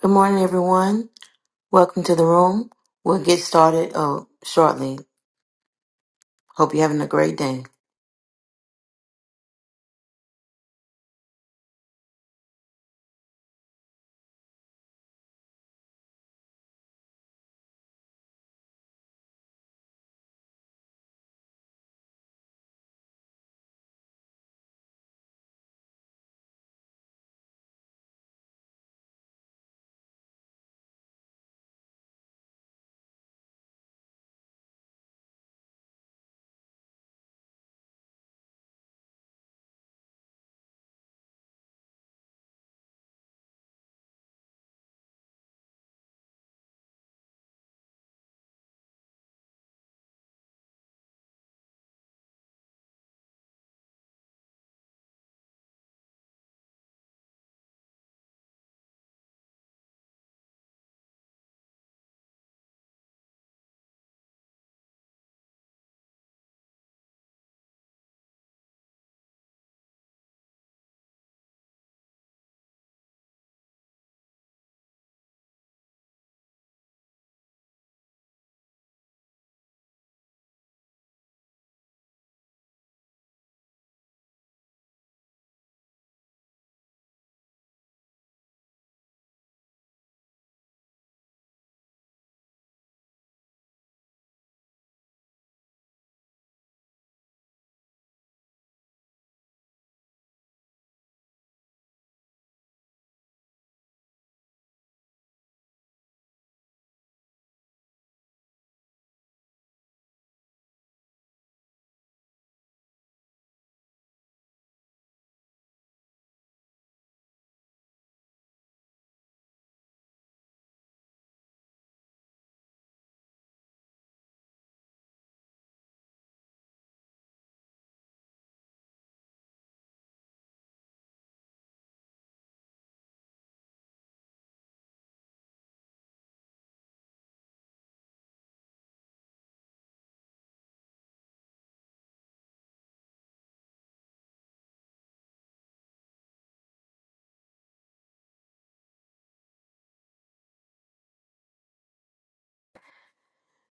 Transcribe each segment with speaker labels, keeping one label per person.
Speaker 1: Good morning, everyone. Welcome to the room. We'll get started uh, shortly. Hope you're having a great day.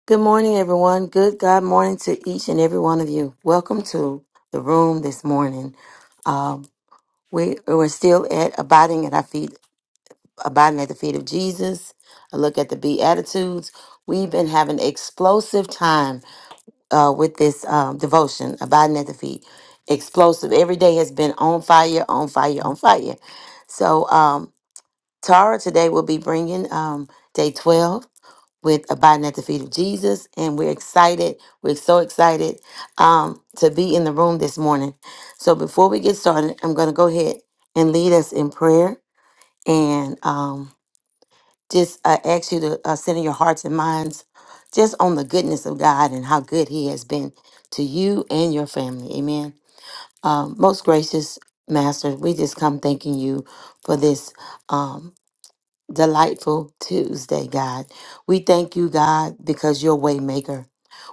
Speaker 1: Good morning, everyone. Good God morning to each and every one of you. Welcome to the room this morning. Um, we, we're still at abiding at our feet, abiding at the feet of Jesus. A look at the Beatitudes. We've been having explosive time uh, with this um, devotion, abiding at the feet. Explosive. Every day has been on fire, on fire, on fire. So, um, Tara today will be bringing um, day 12 with Abiding at the Feet of Jesus. And we're excited. We're so excited um, to be in the room this morning. So before we get started, I'm going to go ahead and lead us in prayer and um, just uh, ask you to uh, center your hearts and minds just on the goodness of God and how good He has been to you and your family. Amen. Um, most gracious Master, we just come thanking you for this. Um, delightful Tuesday, God. We thank you, God, because you're a waymaker.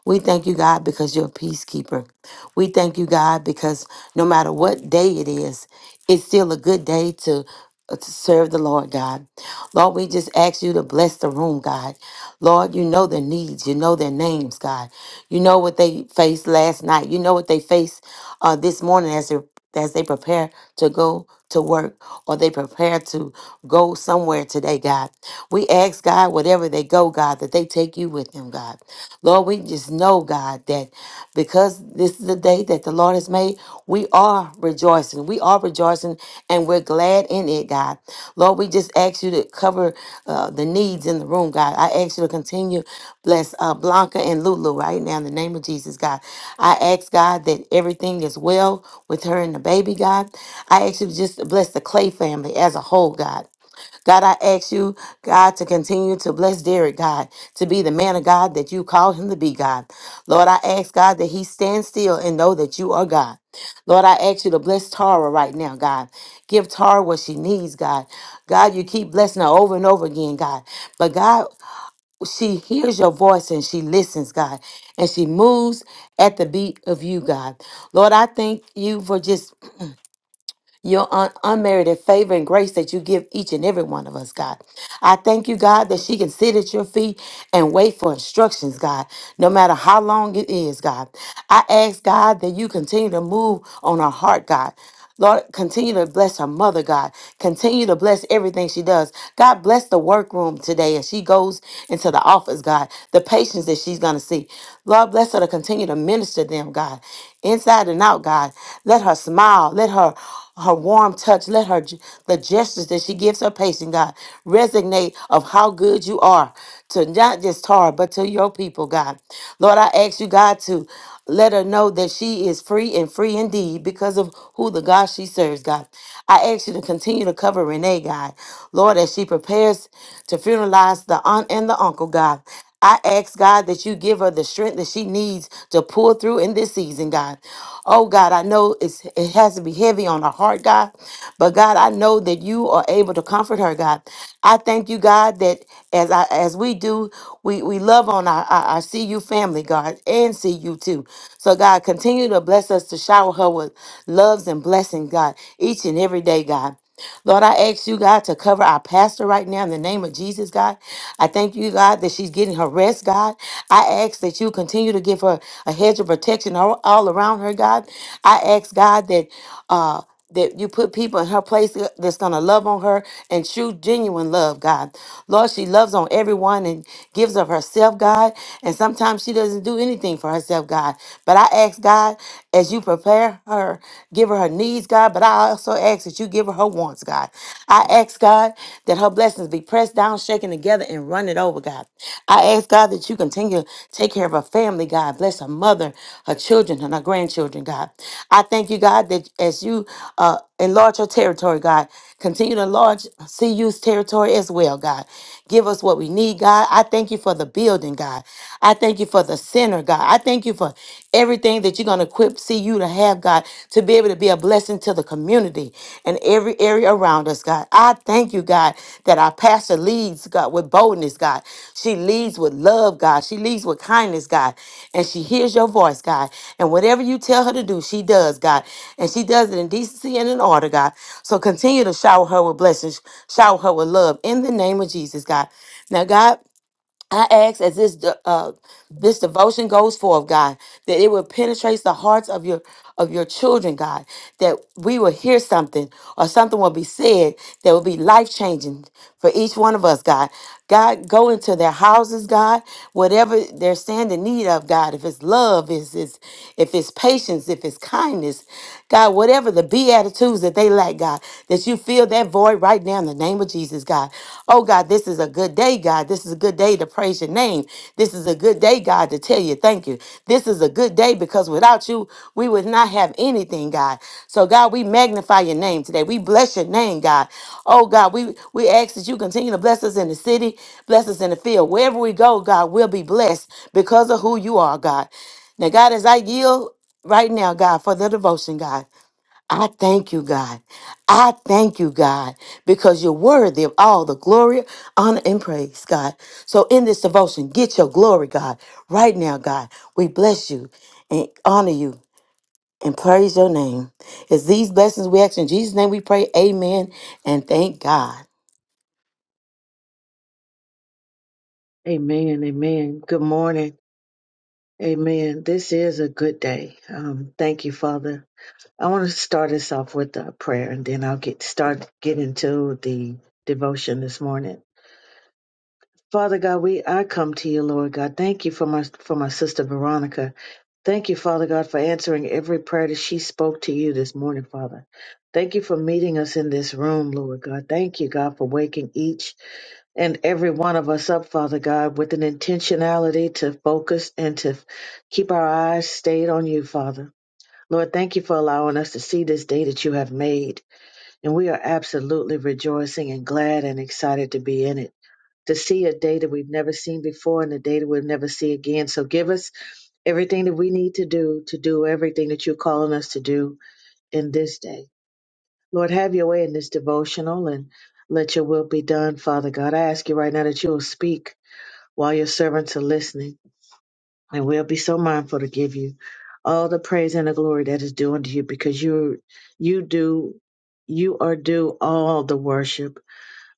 Speaker 1: We thank you, God, because you're a peacekeeper. We thank you, God, because no matter what day it is, it's still a good day to, uh, to serve the Lord, God. Lord, we just ask you to bless the room, God. Lord, you know their needs. You know their names, God. You know what they faced last night. You know what they faced uh, this morning as they as they prepare to go to work or they prepare to go somewhere today, God. We ask God, whatever they go, God, that they take you with them, God. Lord, we just know, God, that because this is the day that the Lord has made, we are rejoicing. We are rejoicing ours, and, and we're glad in it, God. Lord, we just ask you to cover uh, the needs in the room, God. I ask you to continue bless uh, Blanca and Lulu right now in the name of Jesus, God. I ask God that everything is well with her and the baby, God. I ask you to just bless the Clay family as a whole, God. God, I ask you, God, to continue to bless Derek, God, to be the man of God that you call him to be, God. Lord, I ask, God, that he stand still and know that you are God. Lord, I ask you to bless Tara right now, God. Give Tara what she needs, God. God, you keep blessing her over and over again, God. But God, she hears your voice and she listens, God, and she moves at the beat of you, God. Lord, I thank you for just your un- unmerited favor and grace that you give each and every one of us, God. I thank you, God, that she can sit at your feet and wait for instructions, God, no matter how long it is, God. I ask, God, that you continue to move on her heart, God. Lord, continue to bless her mother, God. Continue to bless everything she does. God, bless the workroom today as she goes into the office, God. The patients that she's going to see. Lord, bless her to continue to minister them, God. Inside and out, God. Let her smile. Let her her warm touch. Let her ge- the gestures that she gives her patient, God, resonate of how good you are to not just Tara, but to your people, God. Lord, I ask you, God, to let her know that she is free and free indeed because of who the God she serves, God. I ask you to continue to cover Renee, God. Lord, as she prepares to funeralize the aunt and the uncle, God. I ask God that you give her the strength that she needs to pull through in this season, God. Oh God, I know it's it has to be heavy on her heart, God, but God, I know that you are able to comfort her, God. I thank you, God, that as I as we do, we we love on our our, our CU family, God, and CU too. So God, continue to bless us to shower her with loves and blessings, God, each and every day, God. Lord, I ask you, God, to cover our pastor right now in the name of Jesus, God. I thank you, God, that she's getting her rest, God. I ask that you continue to give her a hedge of protection all, all around her, God. I ask, God, that uh that you put people in her place uh, that's going to love on her and true, genuine love, God. Lord, she loves on everyone and gives of herself, God. And sometimes she doesn't do anything for herself, God. But I ask, God, as you prepare her her, give her her needs, God, but I also ask that you give her her wants, God. I ask, God, that her blessings be pressed down, shaken together, and run it over, God. I ask, God, that you continue to take care of her family, God. Bless her mother, her children, and her grandchildren, God. I thank you, God, that as you, uh, Enlarge your territory, God. Continue to enlarge CU's territory as well, God. Give us what we need, God. I thank you for the building, God. I thank you for the center, God. I thank you for everything that you're going to equip CU to have, God, to be able to be a blessing to the community and every area around us, God. I thank you, God you, God, that our pastor leads, God, with boldness, God. She leads with love, God. She leads with kindness, God. And she hears your voice, God. And whatever you tell her to do, she does, God. And she does it in decency and in order, God. So continue to shower her with blessings, shower her with love in the name of Jesus, God. Now, God. I ask as this de- uh, this devotion goes forth, God, that it will penetrate the hearts of your of your children, God, that we will hear something or something will be said that will be life changing for each one of us, God. God, go into their houses, God, whatever they're standing in need of, God. If it's love, is is if it's patience, if it's kindness, God, whatever the beatitudes that they lack, God. God, that you fill that void right now in the name of Jesus, God. Oh, God, this is a good day, God. This is a good day to praise your name. This is a good day, God, to tell you thank you. This is a good day because without you, we would not have anything, God. So, God, we magnify your name today. We bless your name, God. Oh, God, we, we ask that you continue to bless us in the city, bless us in the field. Wherever we go, God, we'll be blessed because of who you are, God. Now, God, as I yield right now, God, for the devotion, God. I thank you, God. I thank you, God, because you're worthy of all the glory, honor, and praise, God. So in this devotion, get your glory, God. Right now, God, we bless you and honor you and praise your name. It's these blessings we ask in Jesus' name we pray. Amen and thank God.
Speaker 2: Amen. Amen. Good morning. Amen. This is a good day. Um, thank you, Father. I want to start us off with a prayer and then I'll get start get into the devotion this morning. Father God, we I come to you, Lord God. Thank you for my for my sister Veronica. Thank you, Father God, for answering every prayer that she spoke to you this morning, Father. Thank you for meeting us in this room, Lord God. Thank you, God, for waking each and every one of us up, Father God, with an intentionality to focus and to keep our eyes stayed on you, Father. Lord, thank you for allowing us to see this day that you have made. And we are absolutely rejoicing and glad and excited to be in it, to see a day that we've never seen before and a day that we'll never see again. So give us everything that we need to do to do everything that you're calling us to do in this day. Lord, have your way in this devotional and let your will be done, Father God. I ask you right now that you will speak while your servants are listening, and we'll be so mindful to give you all the praise and the glory that is due unto you, because you you do you are due all the worship,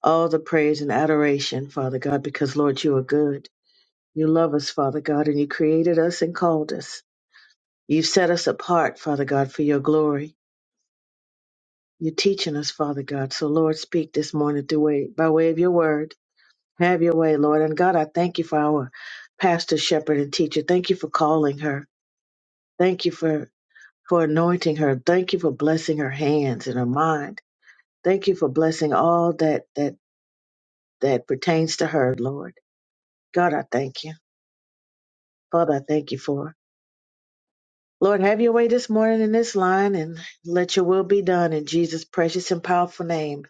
Speaker 2: all the praise and adoration, Father God, because Lord, you are good. You love us, Father God, and you created us and called us. You have set us apart, Father God, for your glory. You're teaching us, Father God. So Lord, speak this morning through way, by way of your word. Have your way, Lord. And God, I thank you for our pastor, shepherd, and teacher. Thank you for calling her. Thank you for, for anointing her. Thank you for blessing her hands and her mind. Thank you for blessing all that, that, that pertains to her, Lord. God, I thank you. Father, I thank you for. her. Lord, have your way this morning in this line and let your will be done in Jesus' precious and powerful name.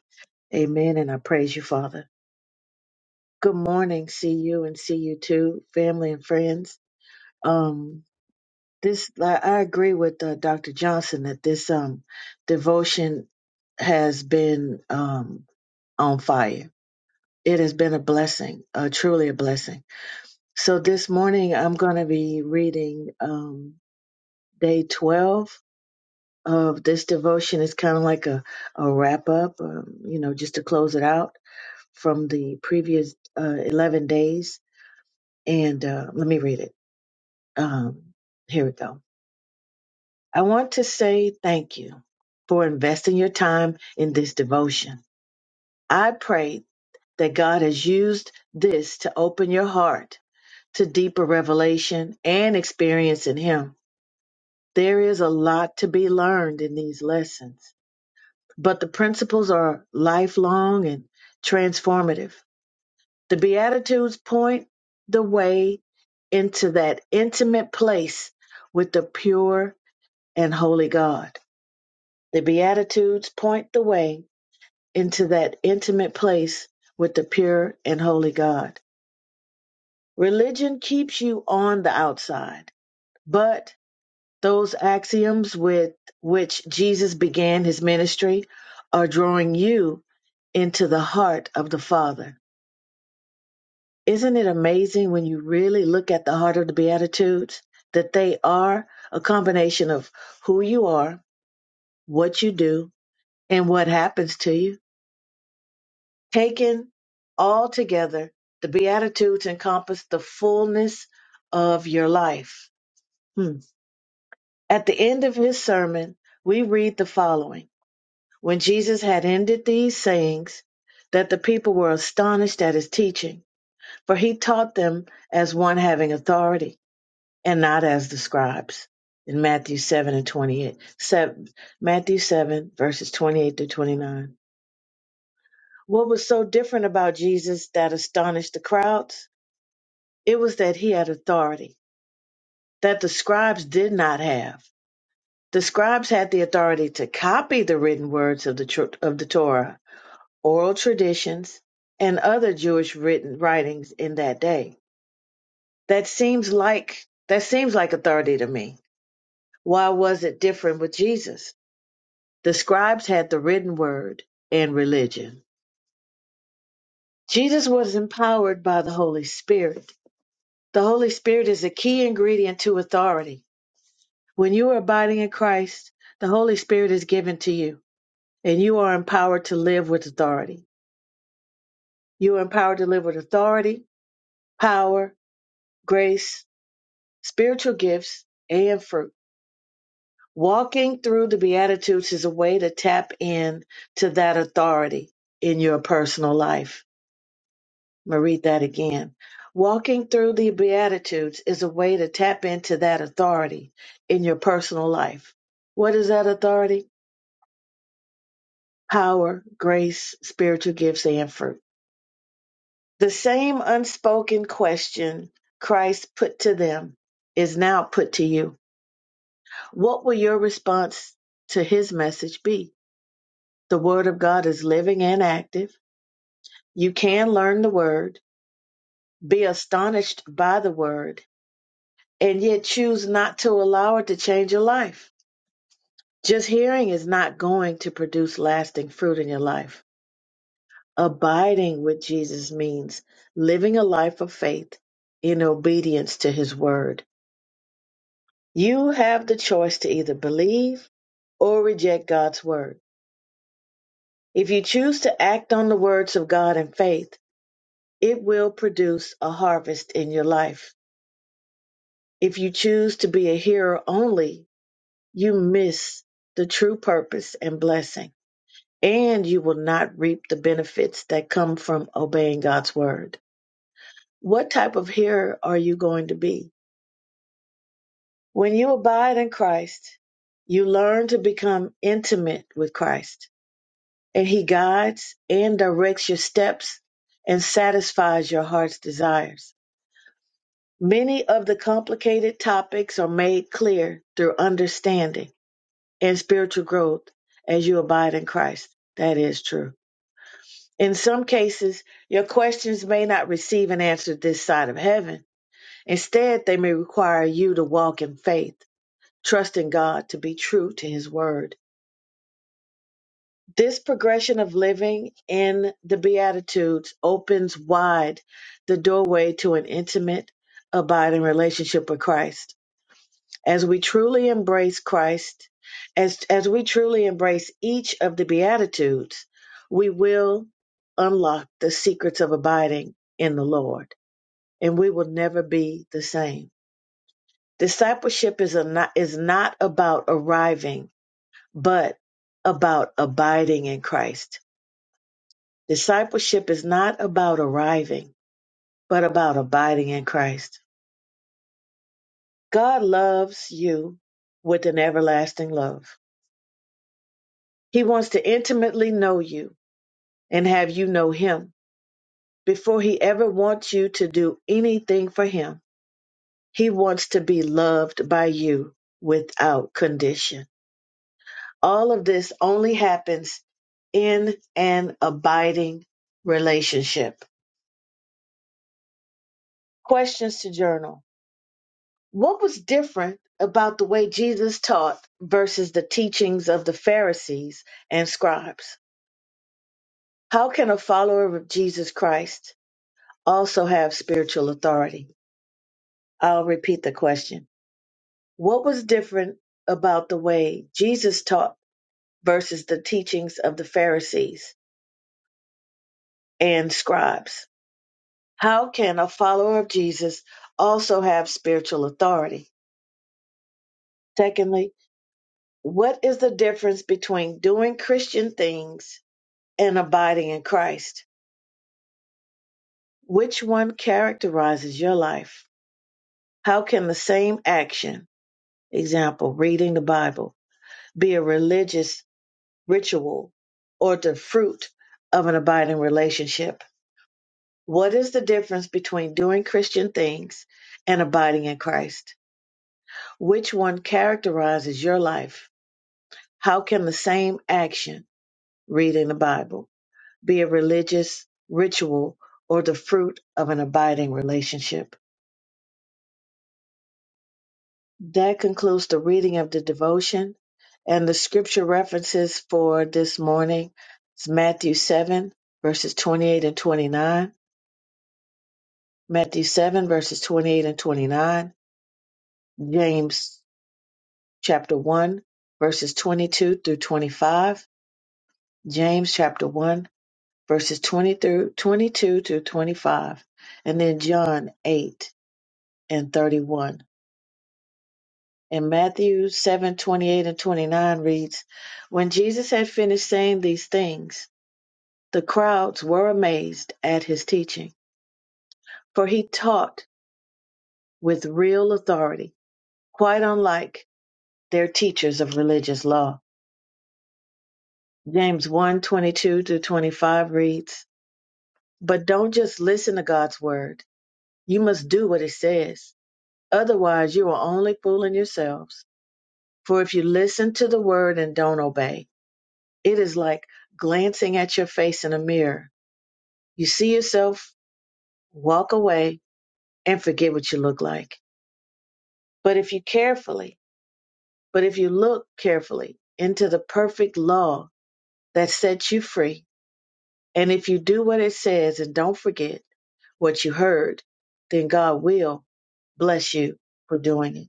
Speaker 2: Amen. And I praise you, Father. Good morning. See you and see you too, family and friends. Um, this, I I agree with uh, Dr. Johnson that this, um, devotion has been, um, on fire. It has been a blessing, uh, truly a blessing. So this morning I'm going to be reading um, day 12 of this devotion. It's kind of like a, a wrap up, um, you know, just to close it out from the previous uh, 11 days. And uh, let me read it. Um, here we go. I want to say thank you for investing your time in this devotion. I pray that God has used this to open your heart to deeper revelation and experience in Him. There is a lot to be learned in these lessons, but the principles are lifelong and transformative. The Beatitudes point the way into that intimate place with the pure and holy God. The Beatitudes point the way into that intimate place with the pure and holy God. Religion keeps you on the outside, but Those axioms with which Jesus began his ministry are drawing you into the heart of the Father. Isn't it amazing when you really look at the heart of the Beatitudes that they are a combination of who you are, what you do, and what happens to you? Taken all together, the Beatitudes encompass the fullness of your life. Hmm. At the end of his sermon, we read the following. When Jesus had ended these sayings, that the people were astonished at his teaching, for he taught them as one having authority and not as the scribes. In Matthew 7 and 28, 7, Matthew 7, verses 28 to 29. What was so different about Jesus that astonished the crowds? It was that he had authority that the scribes did not have. The scribes had the authority to copy the written words of the, tr- of the Torah, oral traditions, and other Jewish written writings in that day. That seems like that seems like authority to me. Why was it different with Jesus? The scribes had the written word and religion. Jesus was empowered by the Holy Spirit. The Holy Spirit is a key ingredient to authority. When you are abiding in Christ, the Holy Spirit is given to you, and you are empowered to live with authority. You are empowered to live with authority, power, grace, spiritual gifts, and fruit. Walking through the Beatitudes is a way to tap in to that authority in your personal life. I'm going to read that again. Walking through the Beatitudes is a way to tap into that authority in your personal life. What is that authority? Power, grace, spiritual gifts, and fruit. The same unspoken question Christ put to them is now put to you. What will your response to his message be? The Word of God is living and active. You can learn the Word, be astonished by the Word, and yet choose not to allow it to change your life. Just hearing is not going to produce lasting fruit in your life. Abiding with Jesus means living a life of faith in obedience to His Word. You have the choice to either believe or reject God's Word. If you choose to act on the words of God in faith, It will produce a harvest in your life. If you choose to be a hearer only, you miss the true purpose and blessing, and you will not reap the benefits that come from obeying God's word. What type of hearer are you going to be? When you abide in Christ, you learn to become intimate with Christ, and He guides and directs your steps and satisfies your heart's desires. Many of the complicated topics are made clear through understanding and spiritual growth as you abide in Christ. That is true. In some cases, your questions may not receive an answer this side of heaven. Instead, they may require you to walk in faith, trusting God to be true to His Word. This progression of living in the Beatitudes opens wide the doorway to an intimate, abiding relationship with Christ as we truly embrace Christ, as, as we truly embrace each of the Beatitudes, we will unlock the secrets of abiding in the Lord, and we will never be the same. Discipleship is, a not, is not about arriving, but about abiding in Christ. Discipleship is not about arriving, but about abiding in Christ. God loves you with an everlasting love. He wants to intimately know you and have you know him. Before he ever wants you to do anything for him, he wants to be loved by you without condition. All of this only happens in an abiding relationship. Questions to journal. What was different about the way Jesus taught versus the teachings of the Pharisees and scribes? How can a follower of Jesus Christ also have spiritual authority? I'll repeat the question. What was different about the way Jesus taught versus the teachings of the Pharisees and scribes? How can a follower of Jesus also have spiritual authority? Secondly, what is the difference between doing Christian things and abiding in Christ? Which one characterizes your life? How can the same action, example, reading the Bible, be a religious ritual, or the fruit of an abiding relationship. What is the difference between doing Christian things and abiding in Christ? Which one characterizes your life? How can the same action, reading the Bible, be a religious ritual or the fruit of an abiding relationship? That concludes the reading of the devotion and the scripture references for this morning is Matthew 7 verses 28 and 29 Matthew 7, verses 28 and 29, James chapter 1, verses 22 through 25, James chapter 1, verses 20 through 22 through 25, and then John 8 and 31. And Matthew 7 28 and 29 reads, When Jesus had finished saying these things, the crowds were amazed at his teaching, for he taught with real authority, quite unlike their teachers of religious law James one 22 to 25 reads, But don't just listen to God's word. You must do what it says. Otherwise, you are only fooling yourselves. For if you listen to the word and don't obey, it is like glancing at your face in a mirror. You see yourself, walk away, and forget what you look like. But if you carefully, but if you look carefully into the perfect law that sets you free, and if you do what it says and don't forget, what you heard, then God will bless you for doing it.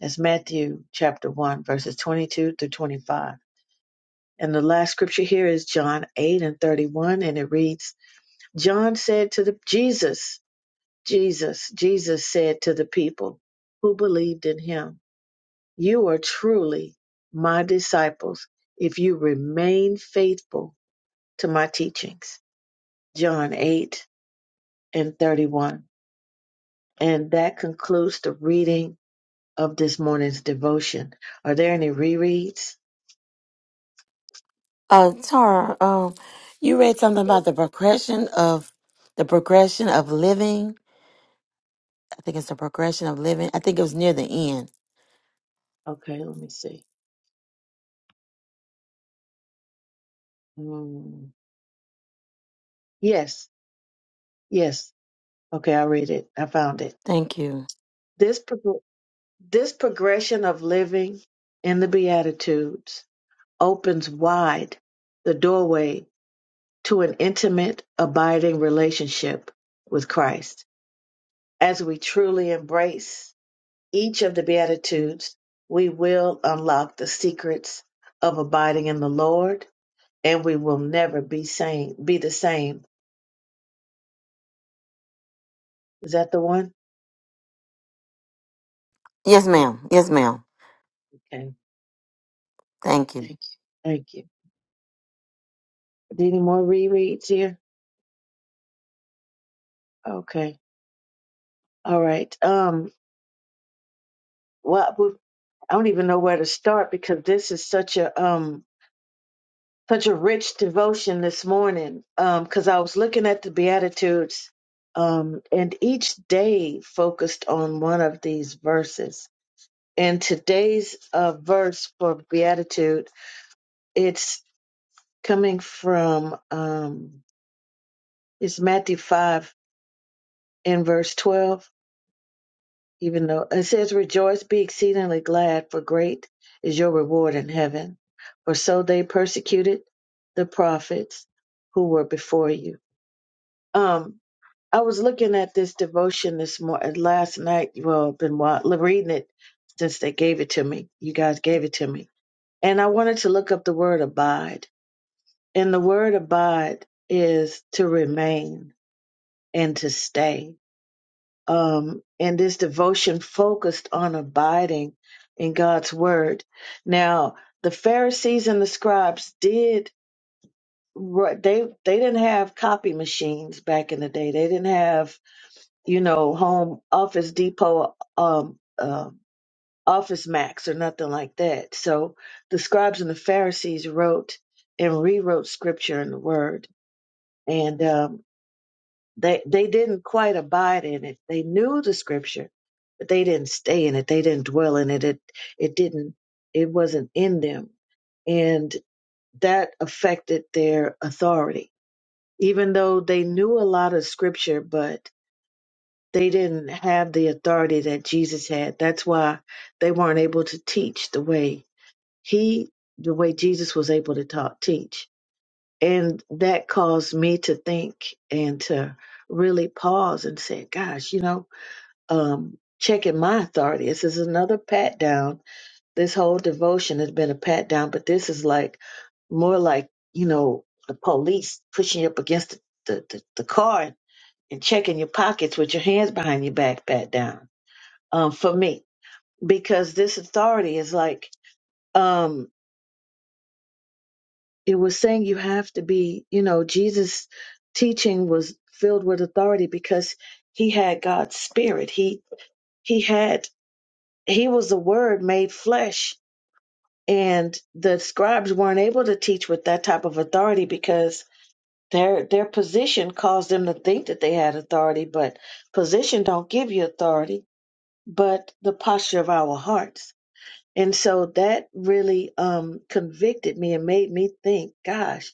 Speaker 2: That's Matthew chapter 1, verses 22 through 25. And the last scripture here is John 8 and 31, and it reads John said to the Jesus, Jesus, Jesus said to the people who believed in him, You are truly my disciples if you remain faithful to my teachings. John 8 and 31. And that concludes the reading of this morning's devotion. Are there any rereads?
Speaker 1: Uh, Tara, um, you read something about the progression of the progression of living. I think it's the progression of living. I think it was near the end
Speaker 2: Okay, let me see. Mm, yes, yes. Okay, I read it. I found it.
Speaker 1: Thank you.
Speaker 2: This prog- this progression of living in the Beatitudes opens wide the doorway to an intimate, abiding relationship with Christ. As we truly embrace each of the Beatitudes, we will unlock the secrets of abiding in the Lord and we will never be same be the same. Is that the one?
Speaker 1: Yes, ma'am. Yes, ma'am.
Speaker 2: Okay.
Speaker 1: Thank you.
Speaker 2: Thank you. Any more rereads here? Okay. All right. Um well we- I don't even know where to start because this is such a um such a rich devotion this morning. Um cuz I was looking at the beatitudes um and each day focused on one of these verses. And today's uh verse for beatitude it's coming from um It's Matthew 5 and verse 12, even though it says, Rejoice, be exceedingly glad, for great is your reward in heaven. For so they persecuted the prophets who were before you. Um, I was looking at this devotion this morning, last night. Well, I've been wa- reading it since they gave it to me. You guys gave it to me. And I wanted to look up the word abide. And the word abide is to remain and to stay um, and this devotion focused on abiding in God's word. Now, the Pharisees and the scribes did ri- they they didn't have copy machines back in the day. They didn't have you know home office depot um, um office max or nothing like that. So the scribes and the Pharisees wrote and rewrote scripture and the word. And um, they they didn't quite abide in it. They knew the scripture, but they didn't stay in it. They didn't dwell in it. It it didn't it wasn't in them. And that affected their authority. Even though they knew a lot of scripture, but they didn't have the authority that Jesus had. That's why they weren't able to teach the way he the way Jesus was able to talk teach and that caused me to think and to really pause and say, gosh, you know, um, checking my authority. This is another pat down. This whole devotion has been a pat down, but this is like more like, you know, the police pushing you up against the, the, the car and checking your pockets with your hands behind your back pat down um, for me, because this authority is like, um, it was saying you have to be, you know, Jesus' teaching was filled with authority because he had God's spirit. He he had he was the word made flesh and the scribes weren't able to teach with that type of authority because their their position caused them to think that they had authority, but position don't give you authority, but the posture of our hearts. And so that really um convicted me and made me think, gosh,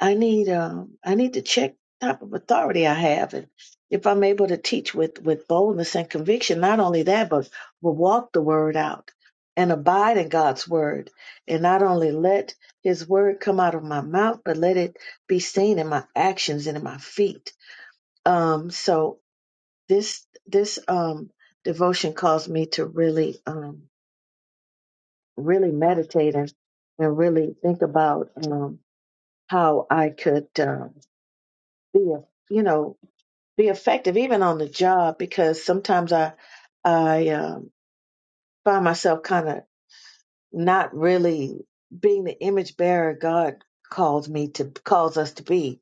Speaker 2: I need um I need to check type of authority I have and if I'm able to teach with with boldness and conviction, not only that, but will walk the word out and abide in God's word and not only let his word come out of my mouth, but let it be seen in my actions and in my feet. Um so this this um devotion caused me to really um really meditate and, and really think about um how I could um be a you know be effective even on the job because sometimes I I um, find myself kind of not really being the image bearer God calls me to calls us to be.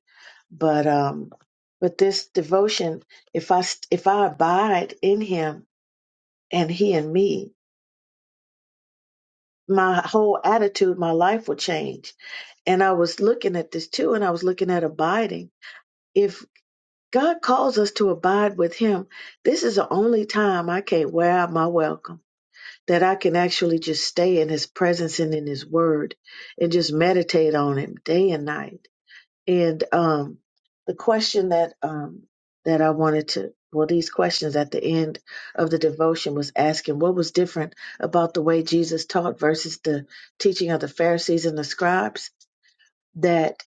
Speaker 2: But um, but this devotion, if I st- if I abide in Him and He in me, my whole attitude, my life will change. And I was looking at this too, and I was looking at abiding. If God calls us to abide with Him, this is the only time I can't wear out my welcome that I can actually just stay in his presence and in his word and just meditate on him day and night. And um the question that um that I wanted to well these questions at the end of the devotion was asking what was different about the way Jesus taught versus the teaching of the Pharisees and the scribes that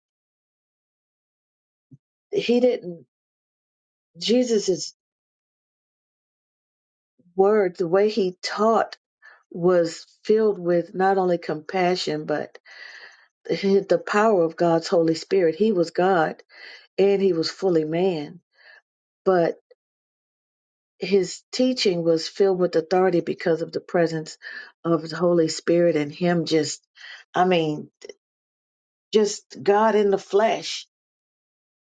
Speaker 2: he didn't Jesus's word the way he taught was filled with not only compassion but his, the power of God's Holy Spirit. He was God and he was fully man, but his teaching was filled with authority because of the presence of the Holy Spirit and him just, I mean, just God in the flesh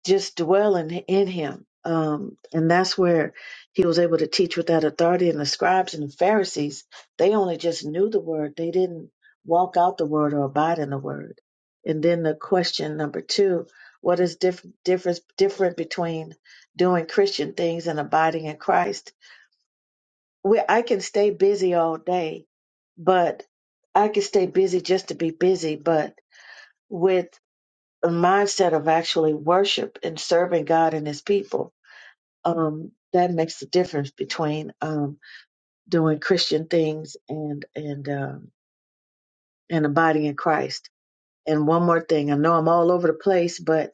Speaker 2: just dwelling in him. Um, and that's where he was able to teach with that authority. And the scribes and the Pharisees, they only just knew the word, they didn't walk out the word or abide in the word. And then the question number two what is diff- difference different between doing Christian things and abiding in Christ? We, I can stay busy all day, but I can stay busy just to be busy, but with a mindset of actually worship and serving God and his people um, that makes the difference between um, doing Christian things and and um, and abiding in Christ. And one more thing, I know I'm all over the place, but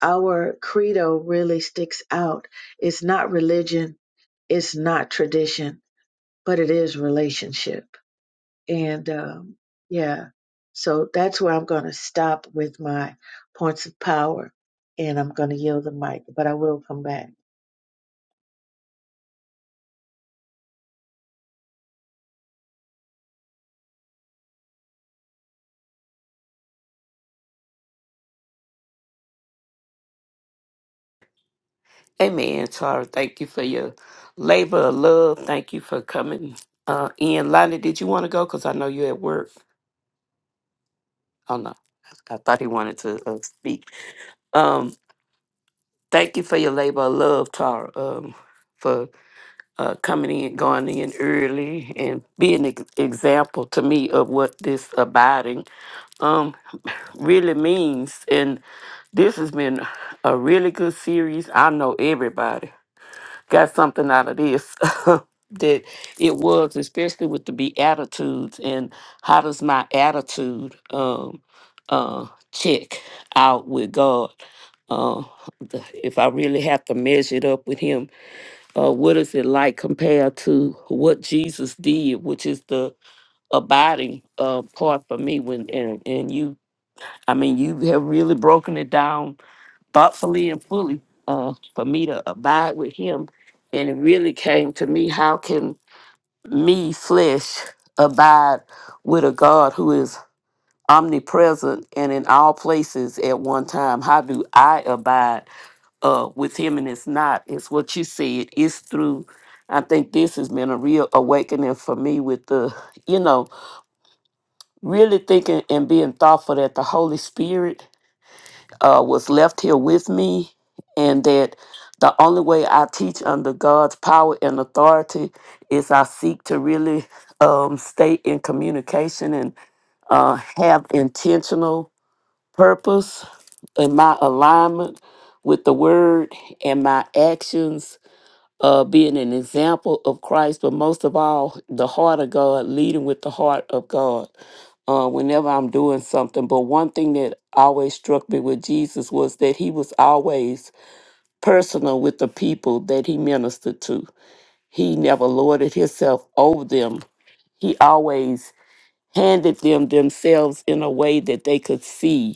Speaker 2: our credo really sticks out. It's not religion, it's not tradition, but it is relationship. And um, yeah, so that's where I'm going to stop with my points of power, and I'm going to yield the mic, but I will come back.
Speaker 3: Amen, Tara. Thank you for your labor of love. Thank you for coming uh, in. Lonnie, did you want to go? Because I know you're at work. Oh, no. I thought he wanted to uh, speak. Um, thank you for your labor of love, Tara, um, for uh, coming in, going in early, and being an ex- example to me of what this abiding um, really means. And this has been a really good series. I know everybody. got something out of this that it was, especially with the Beatitudes and how does my attitude um, uh, check out with God? Uh, the- if I really have to measure it up with Him, uh, what is it like compared to what Jesus did, which is the abiding uh, part for me? When and, and you, I mean, you have really broken it down thoughtfully and fully uh, for me to abide with him. And it really came to me how can me, flesh, abide with a God who is omnipresent and in all places at one time? How do I abide uh, with him? And it's not, it's what you said, it's through. I think this has been a real awakening for me with the, you know, really thinking and being thoughtful that the Holy Spirit uh, was left here with me, and that the only way I teach under God's power and authority is I seek to really um, stay in communication and uh, have intentional purpose in my alignment with the Word and my actions. Uh, being an example of Christ, but most of all, the heart of God, leading with the heart of God uh, whenever I'm doing something. But one thing that always struck me with Jesus was that he was always personal with the people that he ministered to. He never lorded himself over them. He always handed them themselves in a way that they could see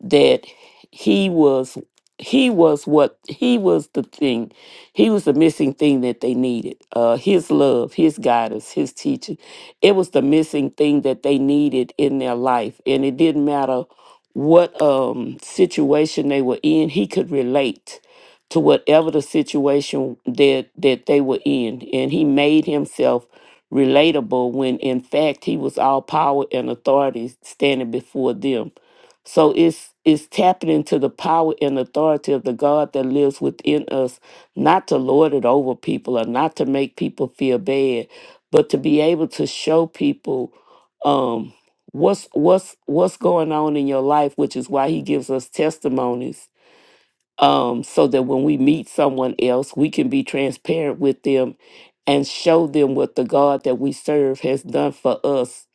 Speaker 3: that he was he was what he was the thing he was the missing thing that they needed uh his love his guidance his teaching it was the missing thing that they needed in their life and it didn't matter what um situation they were in he could relate to whatever the situation that that they were in and he made himself relatable when in fact he was all power and authority standing before them so it's it's tapping into the power and authority of the God that lives within us, not to lord it over people or not to make people feel bad, but to be able to show people um what's what's what's going on in your life, which is why he gives us testimonies um, so that when we meet someone else, we can be transparent with them and show them what the God that we serve has done for us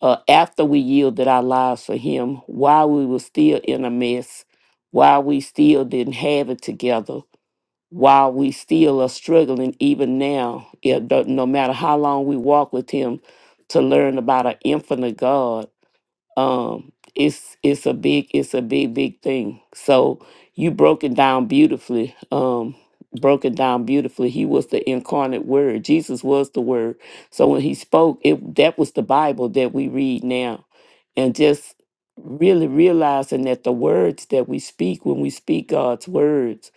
Speaker 3: uh, after we yielded our lives for Him, while we were still in a mess, while we still didn't have it together, while we still are struggling even now, yeah, no no matter how long we walk with Him, to learn about an infinite God um it's it's a big it's a big big thing so you broke it down beautifully um broke it down beautifully he was the incarnate word jesus was the word so when he spoke it that was the bible that we read now and just really realizing that the words that we speak when we speak god's words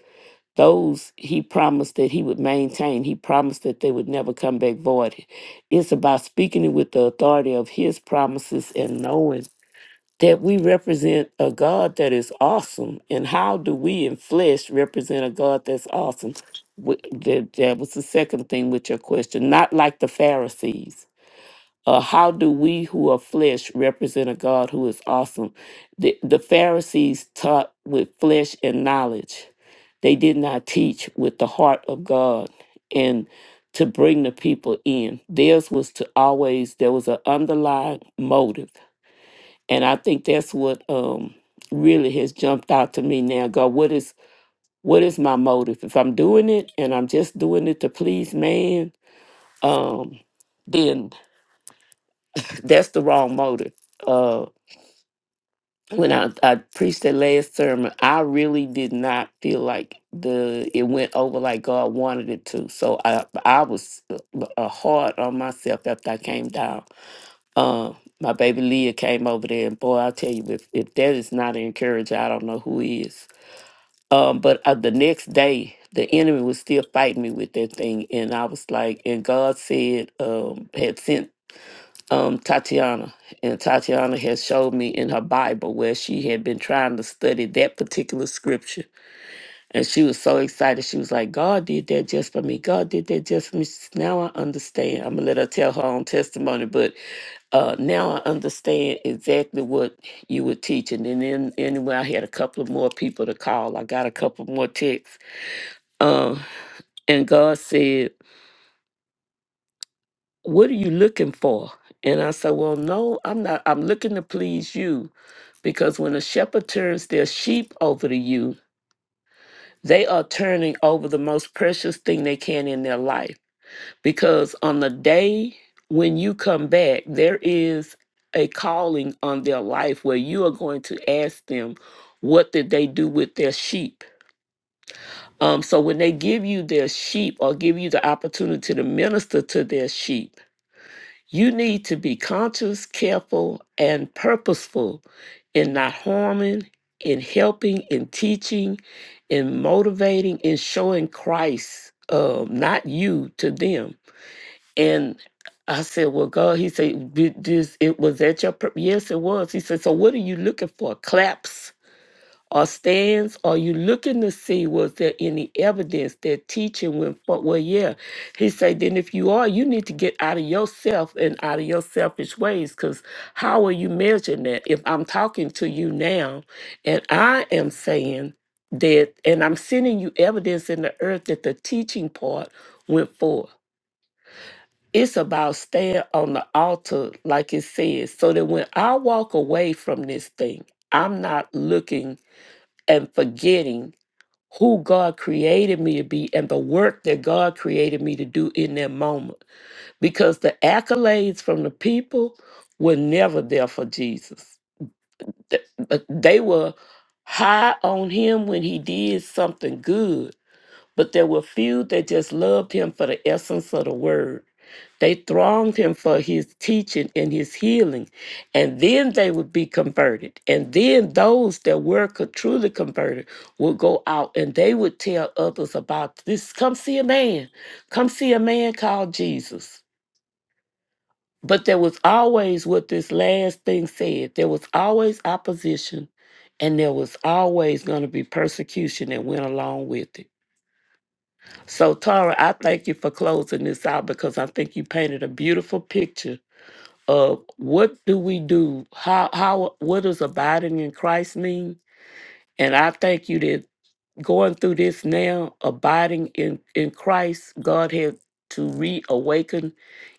Speaker 3: those he promised that he would maintain he promised that they would never come back void it's about speaking it with the authority of his promises and knowing that we represent a God that is awesome. And how do we in flesh represent a God that's awesome? Wh- That, that was the second thing with your question. Not like the Pharisees. Uh, how do we who are flesh represent a God who is awesome? The, the Pharisees taught with flesh and knowledge, they did not teach with the heart of God. And to bring the people in. Theirs was to always, there was an underlying motive and I think that's what um, really has jumped out to me now. God, what is what is my motive? If I'm doing it and I'm just doing it to please man, um, then that's the wrong motive. Uh, when I, I preached that last sermon, I really did not feel like the it went over like God wanted it to. So I I was uh, uh, hard on myself after I came down Uh, my baby Leah came over there, and boy, I tell you, if, if that is not an encourager, I don't know who is. Um, but uh, the next day, the enemy was still fighting me with that thing, and I was like, and God said, um, had sent um Tatiana, and Tatiana had showed me in her Bible where she had been trying to study that particular scripture, and she was so excited. She was like, God did that just for me. God did that just for me. Now I understand. I'm gonna let her tell her own testimony, but uh, now I understand exactly what you were teaching. And then anyway, I had a couple of more people to call. I got a couple more texts. Uh, and God said, What are you looking for? And I said, Well, no, I'm not. I'm looking to please you. Because when a shepherd turns their sheep over to you, they are turning over the most precious thing they can in their life. because on the day when you come back, there is a calling on their life where you are going to ask them, what did they do with their sheep? Um, so when they give you their sheep or give you the opportunity to minister to their sheep, you need to be conscious, careful, and purposeful in not harming, in helping, in teaching, in motivating, in showing Christ, um, not you, to them and I said, Well, God, he said, "Did this, it was at your, per-" yes, it was. He said, So what are you looking for? Claps or stands? Are you looking to see, was there any evidence that teaching went for? Well, yeah. He said, Then if you are, you need to get out of yourself and out of your selfish ways, because how are you measuring that? If I'm talking to you now and I am saying, that and I'm sending you evidence in the earth that the teaching part went forth it's about staying on the altar, like it says, so that when I walk away from this thing, I'm not looking and forgetting who God created me to be and the work that God created me to do in that moment. Because the accolades from the people were never there for Jesus. Th- They were high on him when he did something good, but there were few that just loved him for the essence of the word. They thronged him for his teaching and his healing, and then they would be converted. And then those that were co- truly converted would go out and they would tell others about this. Come see a man. Come see a man called Jesus. But there was always what this last thing said there was always opposition, and there was always going to be persecution that went along with it. So, Tara, I thank you for closing this out because I think you painted a beautiful picture of what do we do? How how what does abiding in Christ mean? And I thank you that going through this now, abiding in in Christ, God had to reawaken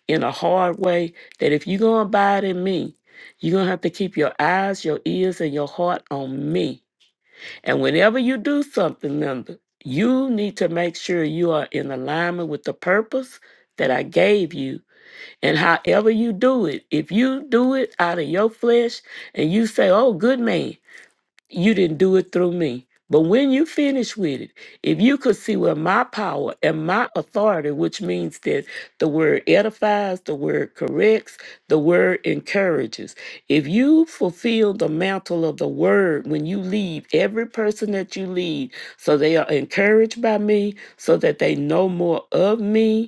Speaker 3: in a hard way that if you're gonna abide in me, you're gonna have to keep your eyes, your ears, and your heart on me and whenever you do something, Linda, you need to make sure you are in alignment with the purpose that I gave you. And however you do it, if you do it out of your flesh and you say, oh, good man, you didn't do it through me. But when you finish with it, if you could see where my power and my authority, which means that the word edifies, the word corrects, the word encourages, if you fulfill the mantle of the word when you lead every person that you lead, so they are encouraged by me, so that they know more of me,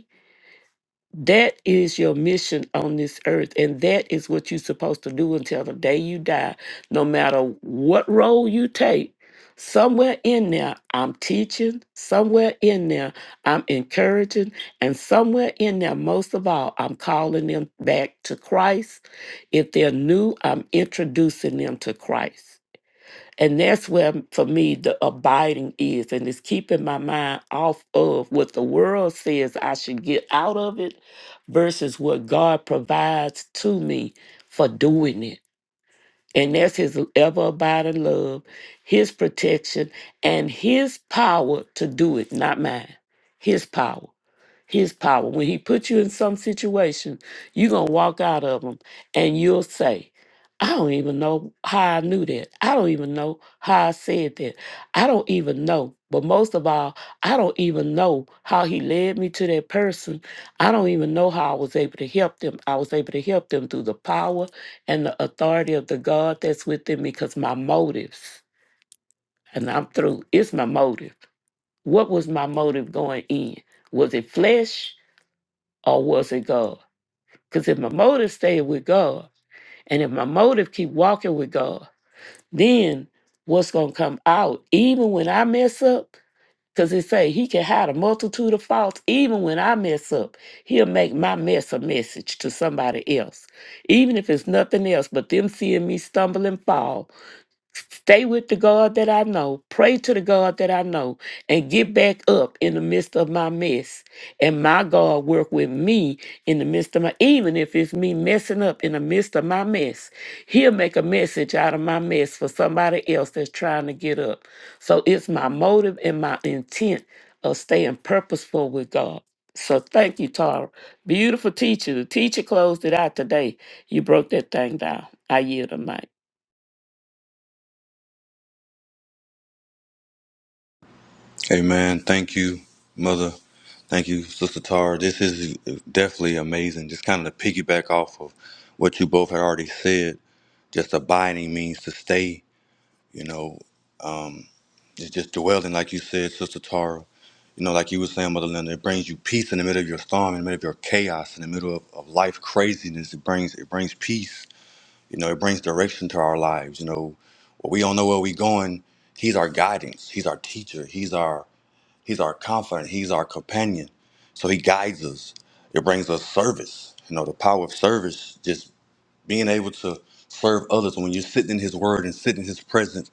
Speaker 3: that is your mission on this earth, and that is what you're supposed to do until the day you die. No matter what role you take, somewhere in there, I'm teaching, somewhere in there, I'm encouraging, and somewhere in there, most of all, I'm calling them back to Christ. If they're new, I'm introducing them to Christ. And that's where, for me, the abiding is, and it's keeping my mind off of what the world says I should get out of it versus what God provides to me for doing it. And that's His ever abiding love, His protection, and His power to do it, not mine. His power his power. When he put you in some situation, you're going to walk out of them and you'll say, I don't even know how I knew that. I don't even know how I said that. I don't even know. But most of all, I don't even know how he led me to that person. I don't even know how I was able to help them. I was able to help them through the power and the authority of the God that's within me because my motives, and I'm through, it's my motive. What was my motive going in? Was it flesh? or was it God? Because if my motive stayed with God, and if my motive keep walking with God, then what's gonna come out? Even when I mess up, because it say He can hide a multitude of faults. Even when I mess up, He'll make my mess a message to somebody else. Even if it's nothing else but them seeing me stumble and fall, Stay with the God that I know. Pray to the God that I know and get back up in the midst of my mess. And my God work with me in the midst of my, even if it's me messing up in the midst of my mess. He'll make a message out of my mess for somebody else that's trying to get up. So it's my motive and my intent of staying purposeful with God. So thank you, Tara. Beautiful teacher. The teacher closed it out today. You broke that thing down. I yield the mic.
Speaker 4: Amen. Thank you, Mother. Thank you, Sister Tara. This is definitely amazing. Just kind of to piggyback off of what you both had already said, just abiding means to stay, you know, it's just dwelling, like you said, Sister Tara. You know, like you were saying, Mother Linda, it brings you peace in the middle of your storm, in the middle of your chaos, in the middle of, of life craziness. It brings it brings peace. You know, it brings direction to our lives. You know, when we don't know where we're going, He's our guidance. He's our teacher. He's our He's our comfort. He's our companion. So he guides us. It brings us service. You know, the power of service, just being able to serve others. When you're sitting in his word and sitting in his presence,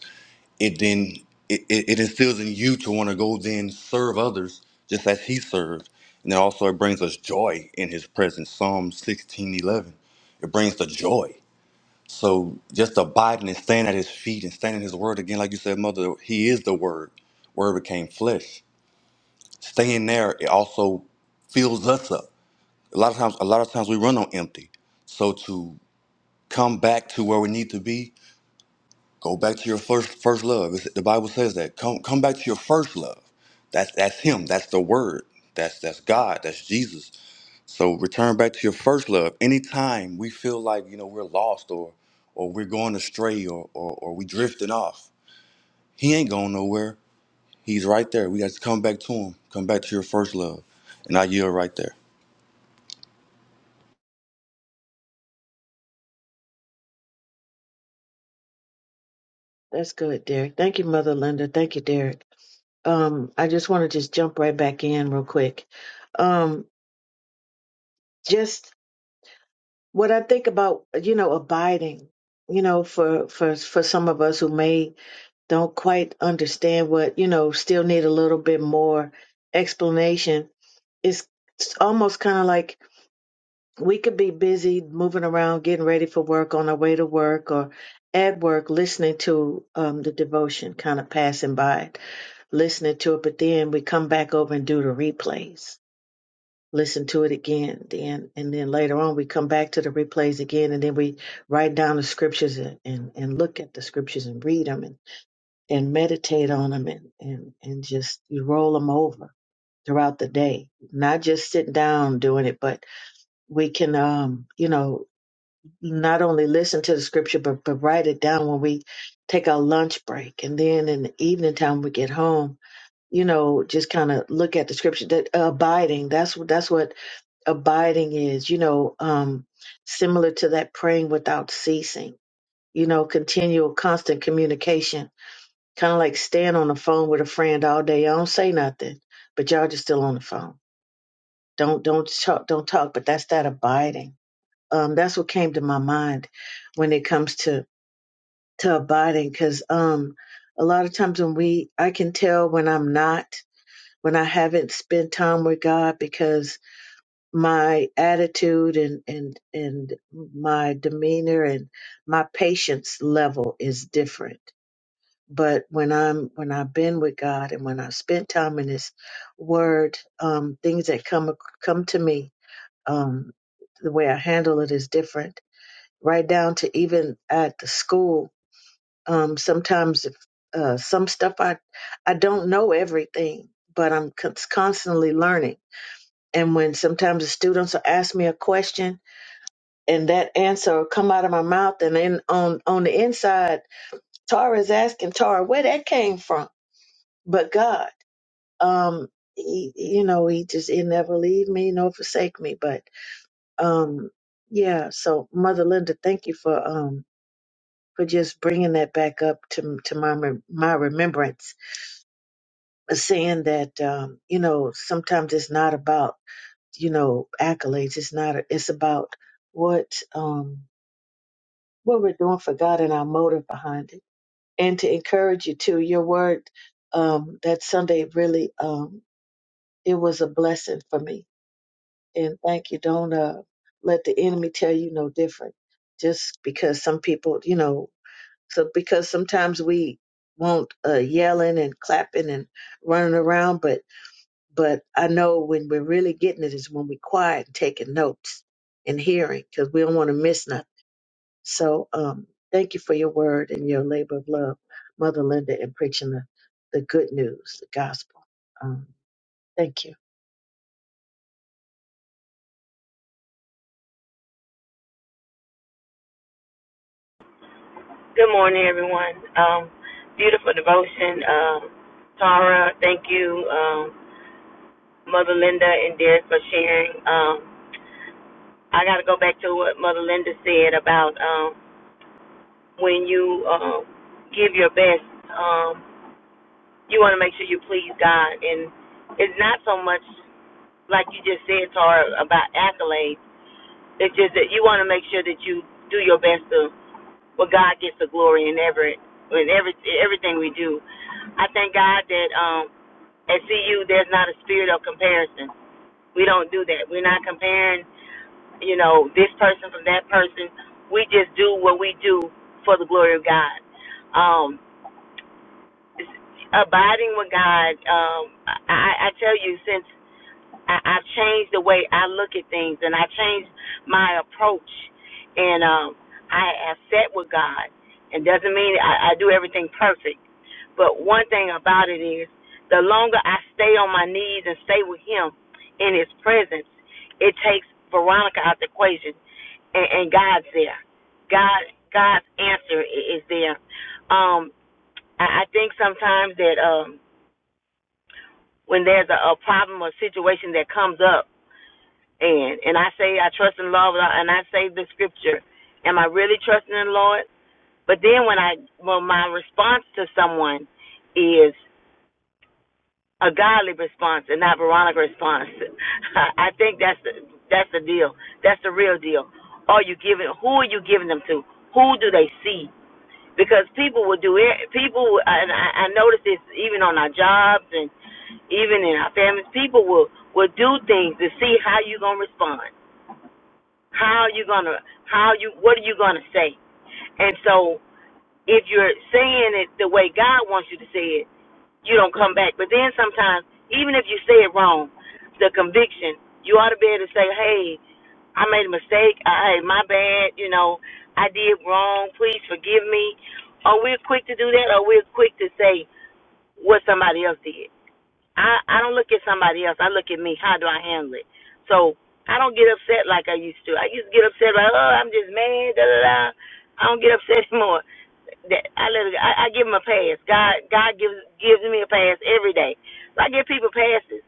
Speaker 4: it then it, it, it instills in you to want to go then serve others just as he served. And then also it brings us joy in his presence. Psalm 16 11. It brings the joy. So just abiding and staying at his feet and standing in his word again, like you said, mother, he is the word. Word became flesh staying there it also fills us up a lot of times a lot of times we run on empty so to come back to where we need to be go back to your first first love It's- the bible says that come come back to your first love that's that's him that's the word that's that's god that's jesus so return back to your first love anytime we feel like you know we're lost or or we're going astray or or, or we drifting off he ain't going nowhere he's right there we got to come back to him come back to your first love and i yield right there
Speaker 2: That's good, Derek. Thank you, Mother Linda. Thank you, Derek. um, I just want to just jump right back in real quick. Um, just what I think about, you know, abiding. You know, for for for some of us who may don't quite understand what you know, still need a little bit more explanation. It's it's almost kind of like we could be busy moving around, getting ready for work, on our way to work, or at work, listening to um, the devotion, kind of passing by, listening to it. But then we come back over and do the replays listen to it again then and then later on we come back to the replays again and then we write down the scriptures and, and, and look at the scriptures and read them and, and meditate on them and, and, and just you roll them over throughout the day not just sit down doing it but we can um you know not only listen to the scripture but, but write it down when we take our lunch break and then in the evening time we get home you know just kind of look at the scripture that abiding that's what that's what abiding is, you know, um, similar to that praying without ceasing, you know, continual, constant communication, kind of like staying on the phone with a friend all day. I don't say nothing, but y'all just still on the phone. Don't don't talk, don't talk. But that's that abiding. Um, that's what came to my mind when it comes to to abiding, because um, a lot of times when we, I can tell when I'm not, when I haven't spent time with God, because my attitude and and and my demeanor and my patience level is different but when i'm when i've been with god and when i've spent time in his word um things that come come to me um the way i handle it is different right down to even at the school um sometimes if, uh some stuff i i don't know everything but i'm con- constantly learning and when sometimes the students will ask me a question and that answer will come out of my mouth and then on on the inside tara is asking tara where that came from but god um he, you know he just he never leave me nor forsake me but um yeah so mother linda thank you for um for just bringing that back up to to my rem- my remembrance saying that um you know sometimes it's not about you know accolades it's not it's about what um what we're doing for god and our motive behind it and to encourage you too. Your word um, that Sunday really um, it was a blessing for me, and thank you. Don't uh, let the enemy tell you no different, just because some people, you know, so because sometimes we want uh, yelling and clapping and running around, but but I know when we're really getting it is when we quiet and taking notes and hearing because we don't want to miss nothing. So um, thank you for your word and your labor of love, Mother Linda, in preaching the, the good news, the gospel. Um, thank you.
Speaker 1: Good morning, everyone. Um, beautiful devotion. Um, Tara, thank you, um, Mother Linda and Derek for sharing. Um, I got to go back to what Mother Linda said about um, when you um, give your best, um, you want to make sure you please God. And it's not so much. like you just said, Tara, about accolades. It's just that you want to make sure that you do your best to, well, God gets the glory in every, in every, everything we do. I thank God that um, at CU there's not a spirit of comparison. We don't do that. We're not comparing, you know, this person from that person. We just do what we do for the glory of God. Um, abiding with God. Um, I, I I tell you, since I, I changed the way I look at things and I changed my approach and um I have sat with God It doesn't mean I, I do everything perfect. But one thing about it is the longer I stay on my knees and stay with him in his presence, it takes Veronica out the equation and, and God's there. God God's answer i- is there. Um I, I think sometimes that um when there's a, a problem or situation that comes up and and I say I trust in the Lord, and I say the scripture. Am I really trusting in the Lord? But then when I when my response to someone is a godly response and not Veronica response, I think that's the, that's the deal. That's the real deal. Are you giving? Who are you giving them to? Who do they see? Because people will do it. People will- and I, I notice this even on our jobs and even in our families. People will will do things to see how you gonna respond. How are you gonna? How you? What are you gonna say? And so, if you're saying it the way God wants you to say it, you don't come back. But then sometimes, even if you say it wrong, the conviction, you ought to be able to say, hey, I made a mistake. I, hey, my bad. You know, I did wrong. Please forgive me. Or we're quick to do that, or we're quick to say what somebody else did. I I don't look at somebody else. I look at me. How do I handle it? So I don't get upset like I used to. I used to get upset like, oh, I'm just mad. Da da da. I don't get upset anymore. That I let it, I, I give him a pass. God God gives gives me a pass every day. So I give people passes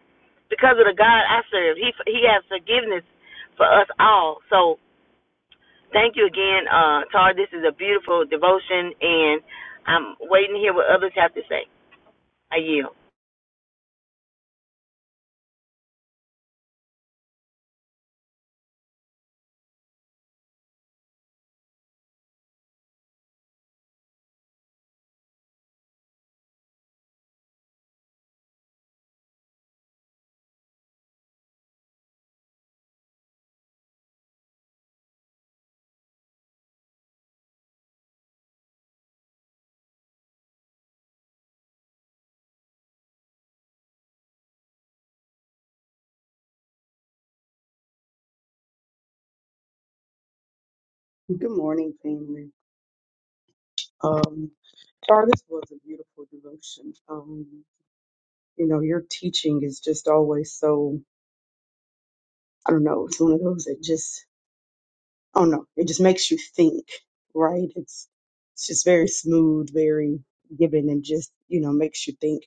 Speaker 1: because of the God I serve. He He has forgiveness for us all. So thank you again, uh, Tar. This is a beautiful devotion, and I'm waiting to hear what others have to say. I yield.
Speaker 5: Good morning, family. Um, Char, this was a beautiful devotion. Um, you know, your teaching is just always so, I don't know, it's one of those that just, I don't know, it just makes you think, right? It's, it's just very smooth, very given, and just, you know, makes you think.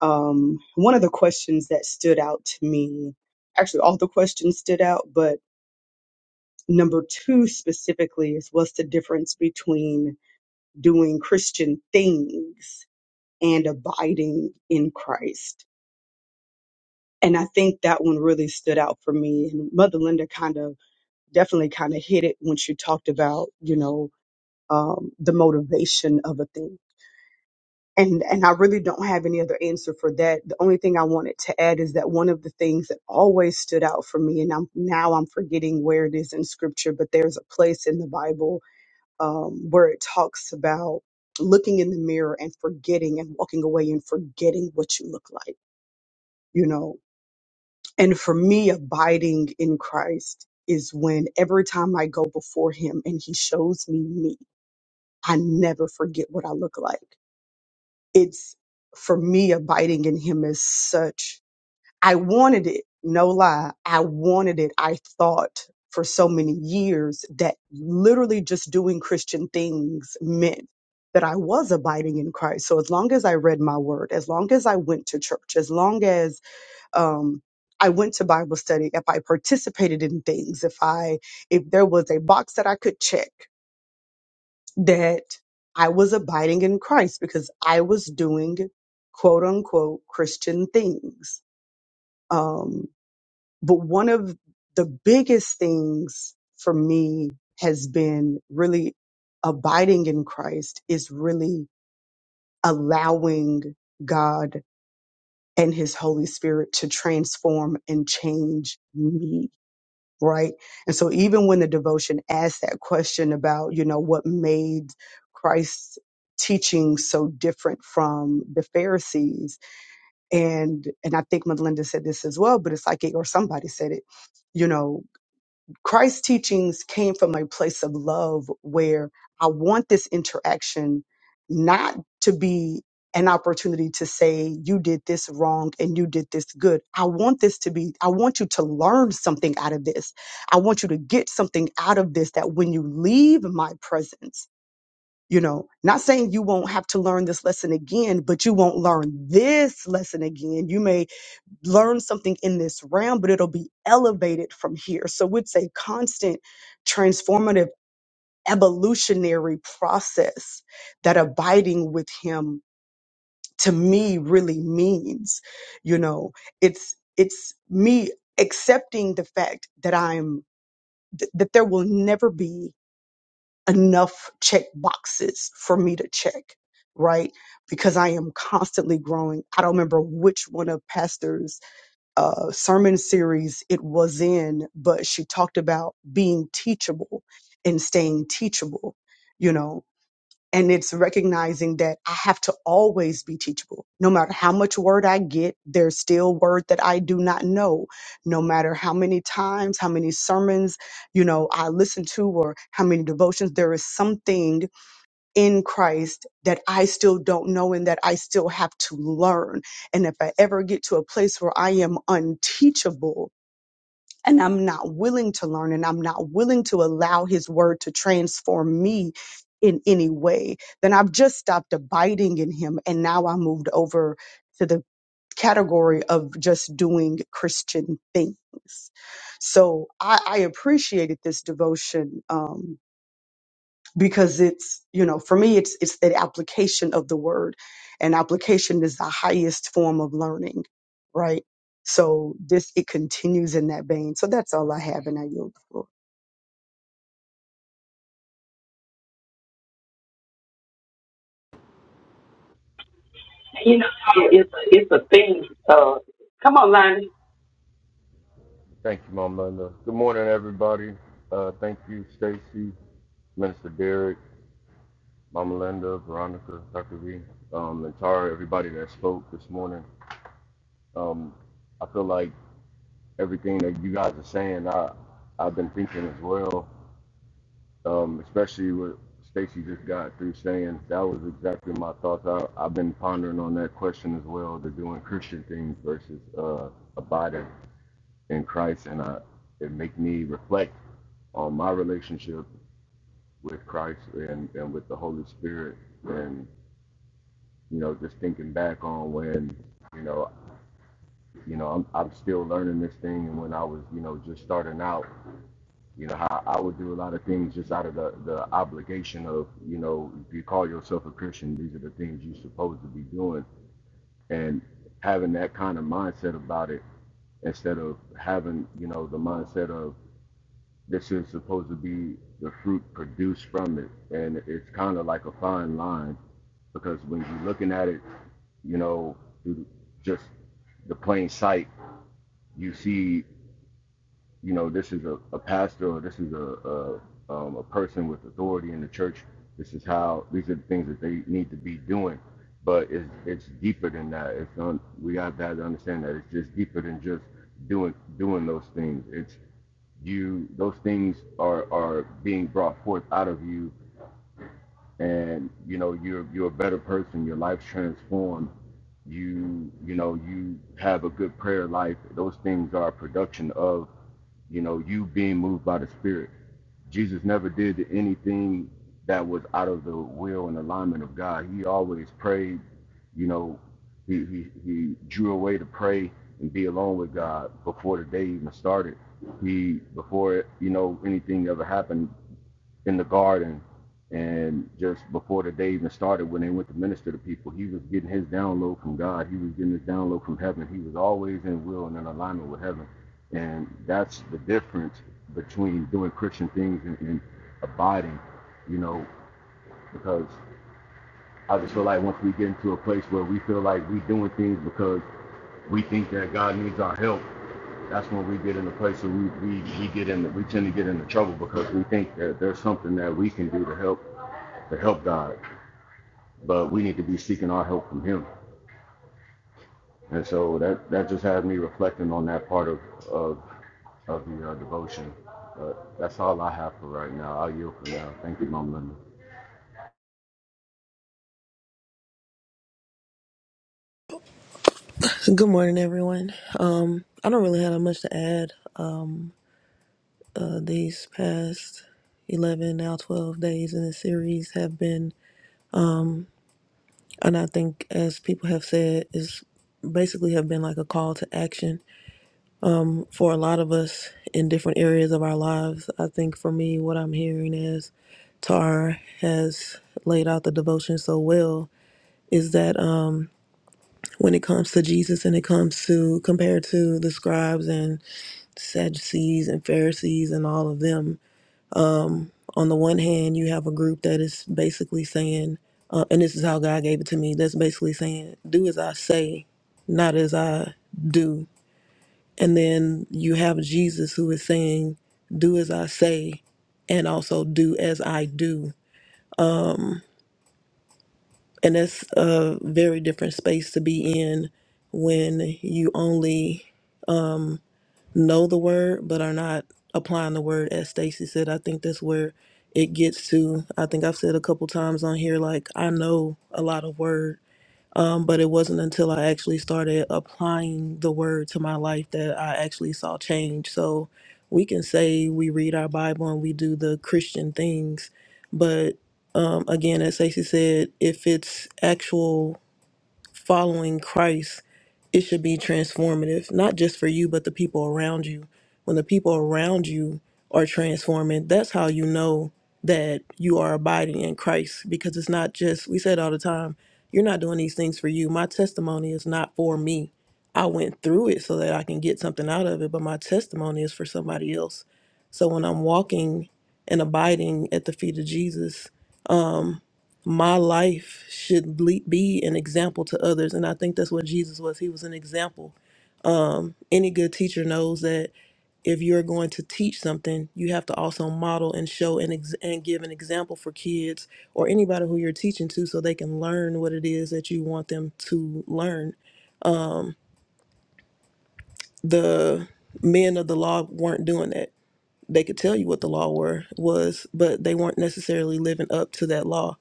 Speaker 5: Um, one of the questions that stood out to me, actually, all the questions stood out, but number two specifically is what's the difference between doing Christian things and abiding in Christ. And I think that one really stood out for me. And Mother Linda kind of definitely kind of hit it when she talked about, you know, um, the motivation of a thing. And, and I really don't have any other answer for that. The only thing I wanted to add is that one of the things that always stood out for me, and I'm now I'm forgetting where it is in scripture, but there's a place in the Bible um, where it talks about looking in the mirror and forgetting and walking away and forgetting what you look like you know And for me, abiding in Christ is when every time I go before Him and He shows me me, I never forget what I look like. It's for me, abiding in Him is such, I wanted it, no lie. I wanted it. I thought for so many years that literally just doing Christian things meant that I was abiding in Christ. So as long as I read my word, as long as I went to church, as long as um, I went to Bible study, if I participated in things, if I if there was a box that I could check that I was abiding in Christ because I was doing quote unquote Christian things. Um, but one of the biggest things for me has been really abiding in Christ is really allowing God and his Holy Spirit to transform and change me right? And so even when the devotion asked that question about, you know, what made Christ's teaching so different from the Pharisees, and and I think Melinda said this as well, but it's like it, or somebody said it, you know. Christ's teachings came from a place of love where I want this interaction not to be an opportunity to say, you did this wrong and you did this good. I want this to be, I want you to learn something out of this. I want you to get something out of this that when you leave my presence, you know, not saying you won't have to learn this lesson again, but you won't learn this lesson again. You may learn something in this realm, but it'll be elevated from here. So it's a constant transformative evolutionary process that abiding with him to me really means. You know, it's it's me accepting the fact that I'm th- that there will never be enough check boxes for me to check, right? Because I am constantly growing. I don't remember which one of pastors uh, sermon series it was in, but she talked about being teachable and staying teachable, you know. And it's recognizing that I have to always be teachable. No matter how much word I get, there's still word that I do not know. No matter how many times, how many sermons, you know, I listen to or how many devotions, there is something in Christ that I still don't know and that I still have to learn. And if I ever get to a place where I am unteachable and I'm not willing to learn and I'm not willing to allow his word to transform me in any way, then I've just stopped abiding in him. And now I moved over to the category of just doing Christian things. So I, I appreciated this devotion. Um, because it's you know for me it's it's the application of the word and application is the highest form of learning right so this it continues in that vein so that's all i have and i yield the floor
Speaker 3: So come on, Lonnie.
Speaker 6: Thank you, Mama Linda. Good morning, everybody. Uh, thank you, Stacy, Minister Derek, Mama Linda, Veronica, Dr. V, um, and Tara, everybody that spoke this morning. Um, I feel like everything that you guys are saying, I, I've been thinking as well, um, especially what Stacy just got through saying. That was exactly my thoughts. I, I've been pondering on that question as well, the doing Christian things versus uh, abiding in Christ. And I, it make me reflect on my relationship with Christ and, and with the Holy Spirit and you know just thinking back on when you know you know I'm I'm still learning this thing and when I was you know just starting out you know how I would do a lot of things just out of the the obligation of you know if you call yourself a Christian these are the things you're supposed to be doing and having that kind of mindset about it instead of having you know the mindset of This is supposed to be the fruit produced from it. And it's kind of like a fine line because when you're looking at it, you know, through just the plain sight, you see you know, this is a, a pastor or this is a, a, um, a person with authority in the church. This is how, these are the things that they need to be doing. But it's, it's deeper than that. It's on, we have to, have to understand that it's just deeper than just doing, doing those things. It's you, those things are, are being brought forth out of you and you know you're you're a better person your life's transformed you you know you have a good prayer life those things are a production of you know you being moved by the spirit jesus never did anything that was out of the will and alignment of god he always prayed you know he he, he drew away to pray and be alone with god before the day even started he before you know anything ever happened in the garden and just before the day even started when they went to minister to people he was getting his download from god he was getting his download from heaven he was always in will and in alignment with heaven and that's the difference between doing christian things and, and abiding you know because i just feel like once we get into a place where we feel like we doing things because we think that god needs our help that's when we get in a place where we, we, we get in we tend to get into trouble because we think that there's something that we can do to help to help God, but we need to be seeking our help from Him. And so that that just had me reflecting on that part of of, of the uh, devotion. But that's all I have for right now. I'll yield for now. Thank you, Mom Linda.
Speaker 7: Good morning, everyone. Um, I don't really have much to add. Uh, these past 11, now 12 days in the series have been, and I think as people have said, is basically have been like a call to action for a lot of us in different areas of our lives. I think for me, what I'm hearing is Tar has laid out the devotion so well is that um, when it comes to Jesus and it comes to compared to the scribes and Sadducees and Pharisees and all of them. On the one hand, you have a group that is basically saying, uh, and this is how God gave it to me, that's basically saying, do as I say, not as I do. And then you have Jesus who is saying, do as I say, and also do as I do. Um, and that's a very different space to be in when you only um, know the word but are not applying the word as Stacy said. I think that's where it gets to. I think I've said a couple times on here like I know a lot of word um, but it wasn't until I actually started applying the word to my life that I actually saw change. So we can say we read our Bible and we do the Christian things, but um, again, as Stacey said, if it's actual following Christ, it should be transformative, not just for you, but the people around you. When the people around you are transforming, that's how you know that you are abiding in Christ because it's not just, we said all the time, you're not doing these things for you. My testimony is not for me. I went through it so that I can get something out of it, but my testimony is for somebody else. So when I'm walking and abiding at the feet of Jesus, um, my life should le- be an example to others and i think that's what jesus was he was an example um, any good teacher knows that if you're going to teach something you have to also model and show and, ex- and give an example for kids or anybody who you're teaching to so they can learn what it is that you want them to learn the men of the law weren't doing that they could tell you what the law were was but they weren't necessarily living up to that law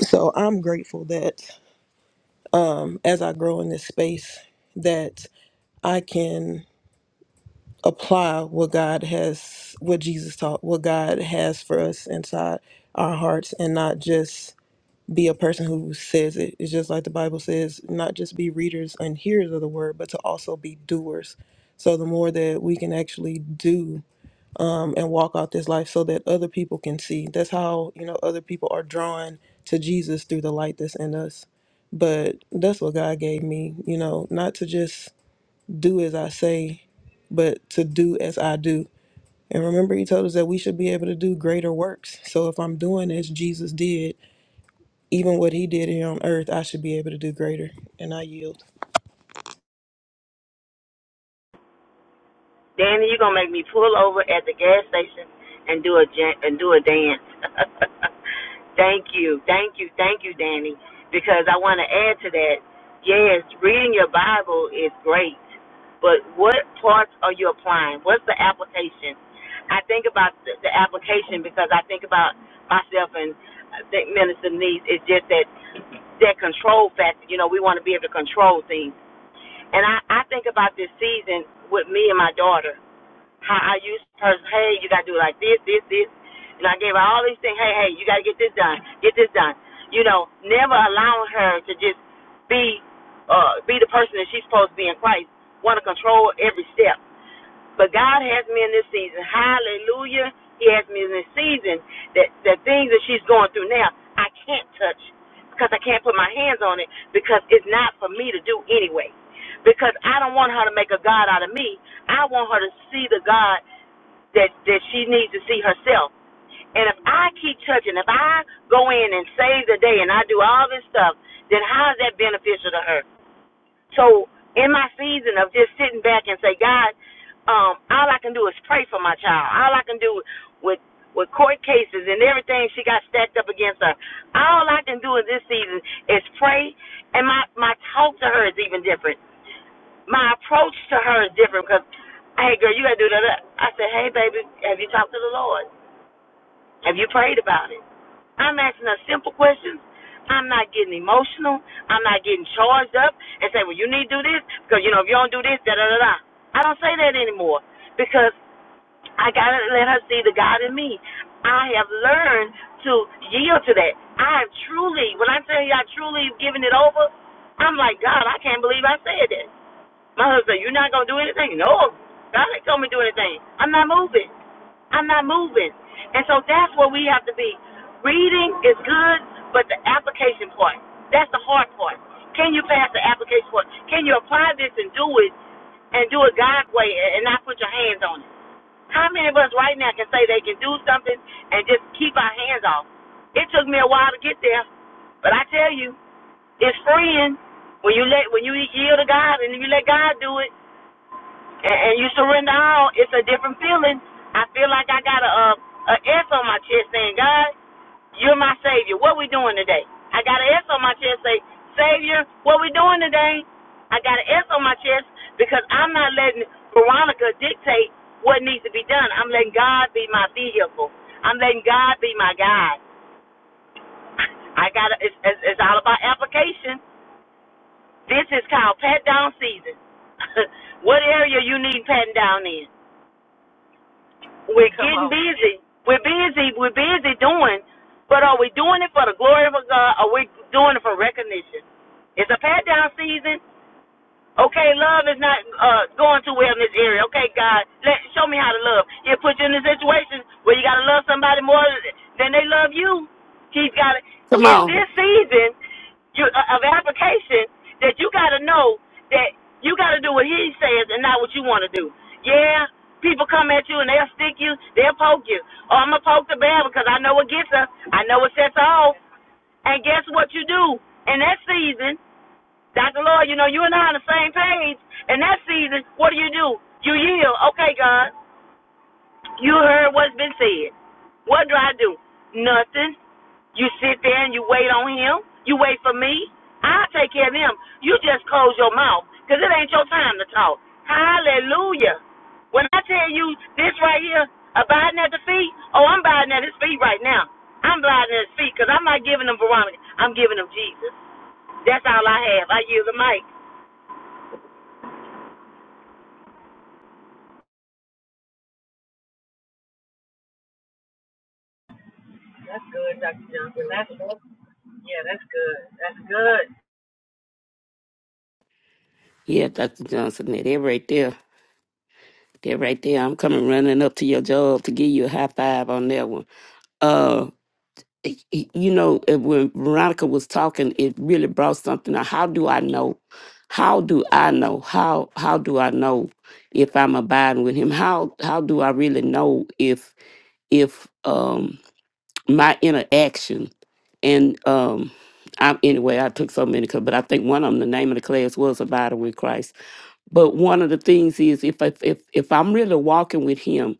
Speaker 7: so i'm grateful that as I grow in this space that I can apply what God has, what Jesus taught, what God has for us inside our hearts, and not just be a person who says it. It's just like the Bible says, not just be readers and hearers of the word, but to also be doers. So the more that we can actually do um, and walk out this life so that other people can see. That's how, you know, other people are drawn to Jesus through the light that's in us. But that's what God gave me, you know, not to just do as I say, but to do as I do. And remember, He told us that we should be able to do greater works. So if I'm doing as Jesus did, even what He did here on earth, I should be able to do greater. And I yield.
Speaker 1: Danny, you're gonna make me pull over at the gas station and do a ja- and do a dance. thank you, thank you, thank you, Danny, because I want to add to that. Yes, reading your Bible is great, but what parts are you applying? What's the application? I think about the, the application because I think about myself and I think Minister Needs. It's just that that control factor. You know, we want to be able to control things. And I, I think about this season with me and my daughter. How I used to her, hey, you gotta do like this, this, this and I gave her all these things, hey, hey, you gotta get this done, get this done. You know, never allowing her to just be uh be the person that she's supposed to be in Christ, wanna control every step. But God has me in this season. Hallelujah. He has me in this season. That the things that she's going through now, I can't touch because I can't put my hands on it because it's not for me to do anyway. Because I don't want her to make a God out of me. I want her to see the God that that she needs to see herself. And if I keep touching, if I go in and save the day and I do all this stuff, then how is that beneficial to her? So in my season of just sitting back and say, God, um, all I can do is pray for my child. All I can do with with court cases and everything she got stacked up against her. All I can do in this season is pray, and my my talk to her is even different. My approach to her is different because, hey girl, you gotta do that. I said, hey baby, have you talked to the Lord? Have you prayed about it? I'm asking her simple questions. I'm not getting emotional. I'm not getting charged up and say, well, you need to do this because, you know, if you don't do this, da da da da. I don't say that anymore because I gotta let her see the God in me. I have learned to yield to that. I have truly, when I tell you I truly have given it over, I'm like, God, I can't believe I said that. My husband, you're not gonna do anything? No, God ain't told me to do anything. I'm not moving. I'm not moving. And so that's where we have to be. Reading is good, but the application part, that's the hard part. Can you pass the application part? Can you apply this and do it and do it God's way and and not put your hands on it? How many of us right now can say they can do something and just keep our hands off? It took me a while to get there, but I tell you. It's freeing when you let when you yield to God and you let God do it and, and you surrender all. It's a different feeling. I feel like I got a, a a S on my chest saying, God, you're my savior. What we doing today? I got an S on my chest saying, Savior, what we doing today? I got an S on my chest because I'm not letting Veronica dictate what needs to be done. I'm letting God be my vehicle. I'm letting God be my guide. I got it's, it's all about application. This is called pat down season. what area you need patting down in? We're getting busy. We're busy. We're busy doing, but are we doing it for the glory of God? Or are we doing it for recognition? It's a pat down season Okay, love is not uh, going too well in this area. Okay, God, let show me how to love. He'll put you in a situation where you gotta love somebody more than they love you. He's got to
Speaker 3: Come
Speaker 1: It's
Speaker 3: on.
Speaker 1: this season you, uh, of application that you gotta know that you gotta do what He says and not what you want to do. Yeah, people come at you and they'll stick you, they'll poke you. Oh, I'm gonna poke the bear because I know what gets her. I know what sets her off. And guess what you do in that season? Dr. Lord, you know, you and I on the same page. In that season, what do you do? You yield. Okay, God, you heard what's been said. What do I do? Nothing. You sit there and you wait on him. You wait for me. I'll take care of him. You just close your mouth because it ain't your time to talk. Hallelujah. When I tell you this right here, abiding at the feet, oh, I'm abiding at his feet right now. I'm abiding at his feet because I'm not giving him Veronica. I'm giving him Jesus. That's all I have. I yield the mic.
Speaker 2: That's good, Dr. Johnson. That's yeah, that's good. That's good.
Speaker 3: Yeah, Dr. Johnson, they're right there. They're right there. I'm coming running up to your job to give you a high five on that one. Uh, y- y- you know, uh, when Veronica was talking, it really brought something. up. How do I know? How do I know? How how do I know if I'm abiding with Him? How how do I really know if if um my interaction and um I, anyway, I took so many, cl- but I think one of them, the name of the class was Abiding with Christ. But one of the things is if I, if if I'm really walking with Him,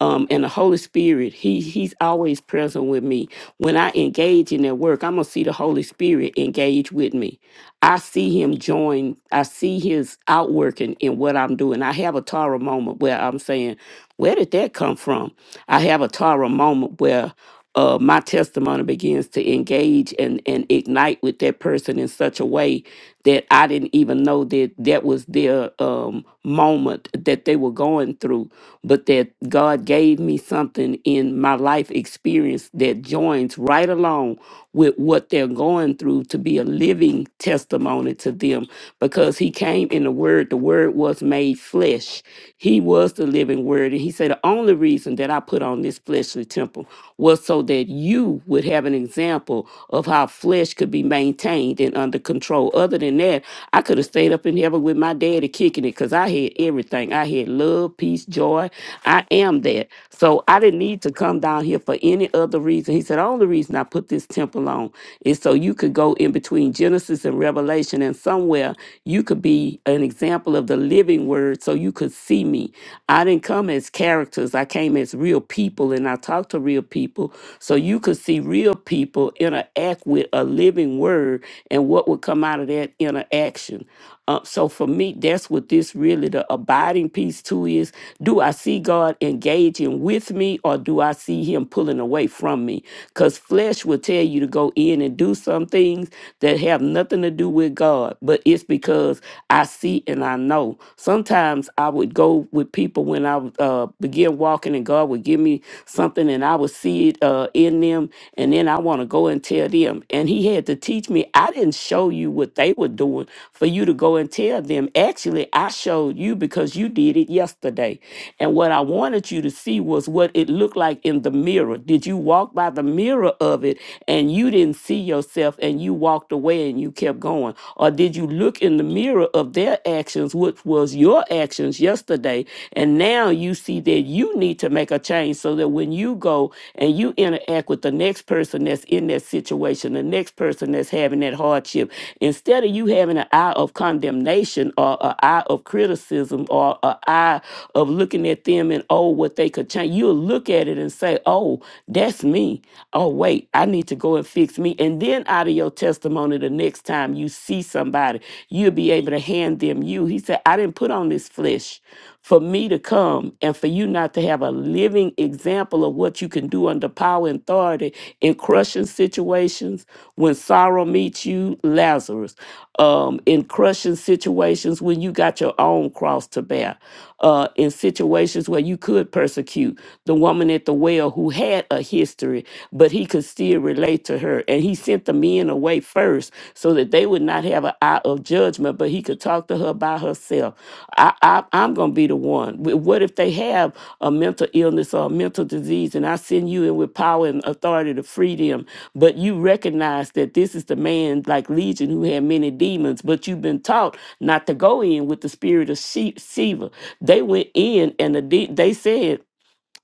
Speaker 3: um, and the Holy Spirit, He He's always present with me. When I engage in that work, I'm gonna see the Holy Spirit engage with me. I see Him join. I see His outworking in what I'm doing. I have a Tara moment where I'm saying, "Where did that come from?" I have a Tara moment where uh, my testimony begins to engage and, and ignite with that person in such a way that I didn't even know that that was their um, moment that they were going through, but that God gave me something in my life experience that joins right along with what they're going through to be a living testimony to them because He came in the Word, the Word was made flesh. He was the living Word. And He said, The only reason reason that I put on this fleshly temple was so that you would have an example of how flesh could be maintained and under control. Other than that, I could have stayed up in heaven with my daddy kicking it because I had everything. I had love, peace, joy. I am that. So I didn't need to come down here for any other reason. He said, The only reason I put this temple on is so you could go in between Genesis and Revelation and somewhere you could be an example of the living word so you could see see me. I didn't come as characters, I came as real people and I talked to real people so you could see real people interact with a living word and what would come out of that interaction. Uh, so for me, that's what this really the abiding piece too is. Do I see God engaging with me or do I see him pulling away from me? Because flesh will tell you to go in and do some things that have nothing to do with God, but it's because I see and I know. Sometimes I would go with people when I would, uh, begin walking, and God would give me something, and I would see it uh, in them, and then I want to go and tell them. And He had to teach me. I didn't show you what they were doing for you to go and tell them. Actually, I showed you because you did it yesterday. And what I wanted you to see was what it looked like in the mirror. Did you walk by the mirror of it and you didn't see yourself and you walked away and you kept? kept going? Or did you look in the mirror of their actions, which was your actions yesterday, and now you see that you need to make a change so that when you go and you interact with the next person that's in that situation, the next person that's having that hardship, instead of you having an eye of condemnation or an eye of criticism or an eye of looking at them and oh, what they could change, you'll look at it and say, oh, that's me. Oh, wait, I need to go and fix fix me. And then out of your testimony, the next time you see somebody, you'll be able to hand them you. He said, I didn't put on this flesh for me to come and for you not to have a living example of what you can do under power and authority in crushing situations when sorrow meets you, Lazarus, um, in crushing situations when you got your own cross to bear, uh, in situations where you could persecute the woman at the well who had a uh, history, but he could still relate to her. And he sent the men away first so that they would not have an eye of judgment, but he could talk to her by herself. I, I, I'm going to be the one. Wh- What if they have a mental illness or a mental disease and I send you in with power and authority to free them, but you recognize that this is the man like Legion who had many demons, but you've been taught not to go in with the spirit of she- Sheba. They went in and the de- they said,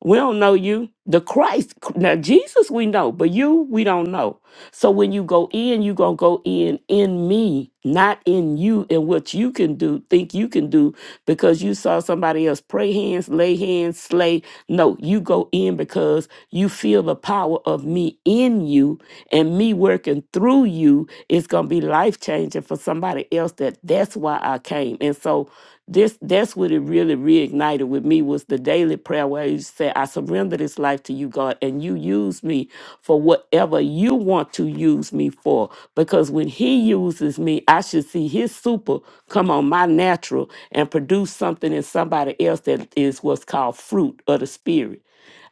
Speaker 3: we don't know you. The Christ, now Jesus we know, but you we don't know. So when you go in, you're going to go in in me, not in you and what you can do, think you can do because you saw somebody else pray hands, lay hands, slay. No, you go in because you feel the power of me in you and me working through you is going to be life changing for somebody else that that's why I came. And so this that's what it really reignited with me was the daily prayer where you say, I surrender this life to you, God, and you use me for whatever you want to use me for. Because when he uses me, I should see his super come on my natural and produce something in somebody else that is what's called fruit of the spirit.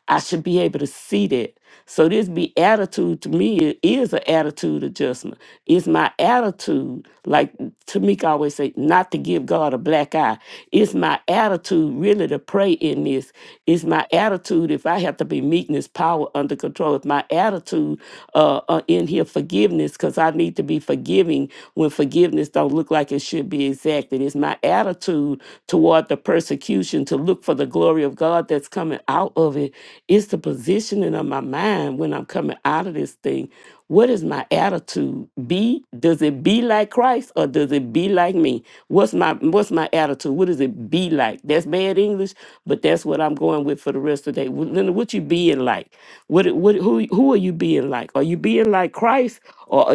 Speaker 3: I should be able to see that. So this be attitude to me i- is an attitude adjustment. It's my attitude, like Tamika always say, not to give God a black eye. It's my attitude really to pray in this. It's my attitude if I have to be meekness, power under control. It's my attitude uh, uh, in here forgiveness because I need to be forgiving when forgiveness don't look like it should be exacted. It's my attitude attitude toward the persecution to look for the glory of God that's coming out of it. It's the positioning of my mind when I'm coming out of this thing. What is my attitude? Be does it be like Christ or does it be like me? What's my what's my attitude? What does it be like? That's bad English, but that's what I'm going with for the rest of the day. Wh- Linda, what you being like? What it- what who who are you being like? Are you being like Christ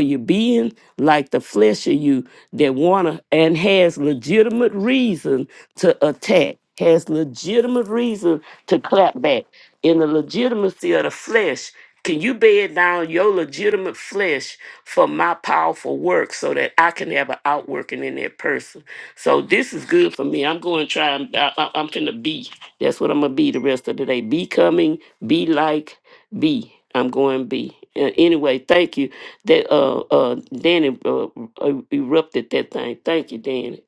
Speaker 3: are you being like the flesh of you that wanna and has legitimate reason to attack, has legitimate reason to clap back? In the legitimacy of the flesh, can you bed down your legitimate flesh for my powerful work so that I can have an outworking in that person? So this is good for me. I'm going to try. and- I, I, I'm going to be. That's what I'm going to be the rest of the day. Becoming, be like, be. I'm going to be. Anyway, thank you. That uh uh Danny uh, uh, erupted that thing. Thank you, Danny.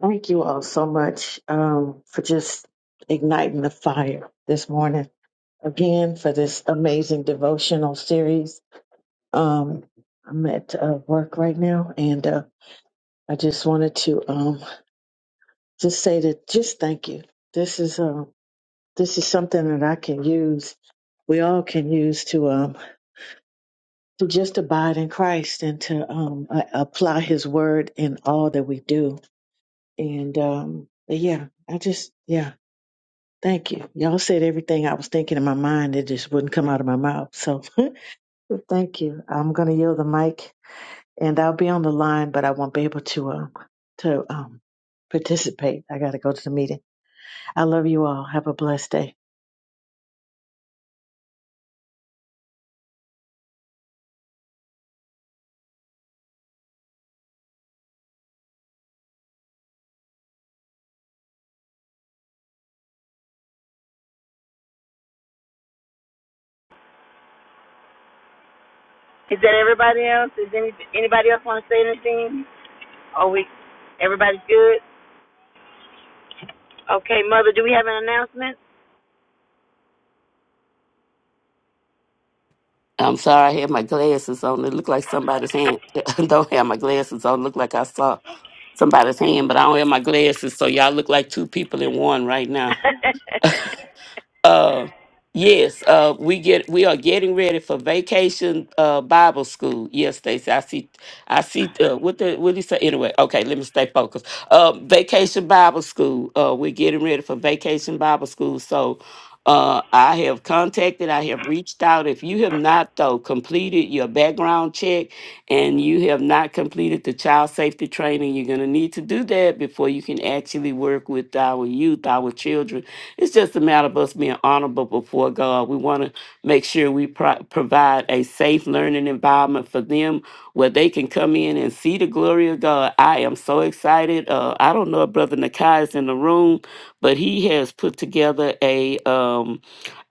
Speaker 2: Thank you all so much um, for just igniting the fire this morning. Again, for this amazing devotional series. Um, I'm at uh, work right now, and uh, I just wanted to um, just say that just thank you. This is. Um, This is something that I can use. We all can use to um to just abide in Christ and to um a- apply His word in all that we do. And um but yeah, I just yeah. Thank you. Y'all said everything I was thinking in my mind. It just wouldn't come out of my mouth. So thank you. I'm going to yield the mic and I'll be on the line, but I won't be able to um to um participate. I got to go to the meeting. I love you all. Have a blessed day.
Speaker 1: Is that everybody else? Is any, anybody else want to say anything? Are we, everybody's good? Okay, Mother, do we have an announcement?
Speaker 3: I'm sorry, I had my glasses on. It looked like somebody's hand. I don't have my glasses on. Look like I saw somebody's hand, but I don't have my glasses. So y'all look like two people in one right now. Uh, yes, uh, we get we are getting ready for vacation uh Bible school. Yes, Stacy, I see, I see. Uh, what the what did he say? Anyway, okay, let me stay focused. Uh, vacation Bible school. Uh, we're getting ready for vacation Bible school. So. Uh, I have contacted, I have reached out. If you have not, though, completed your background check and you have not completed the child safety training, you're going to need to do that before you can actually work with our youth, our children it's just a matter of us being honorable before God. We want to make sure we pro- provide a safe learning environment for them where they can come in and see the glory of God. I am so excited. Uh, I don't know if Brother Nakai is in the room, but he has put together a. Um,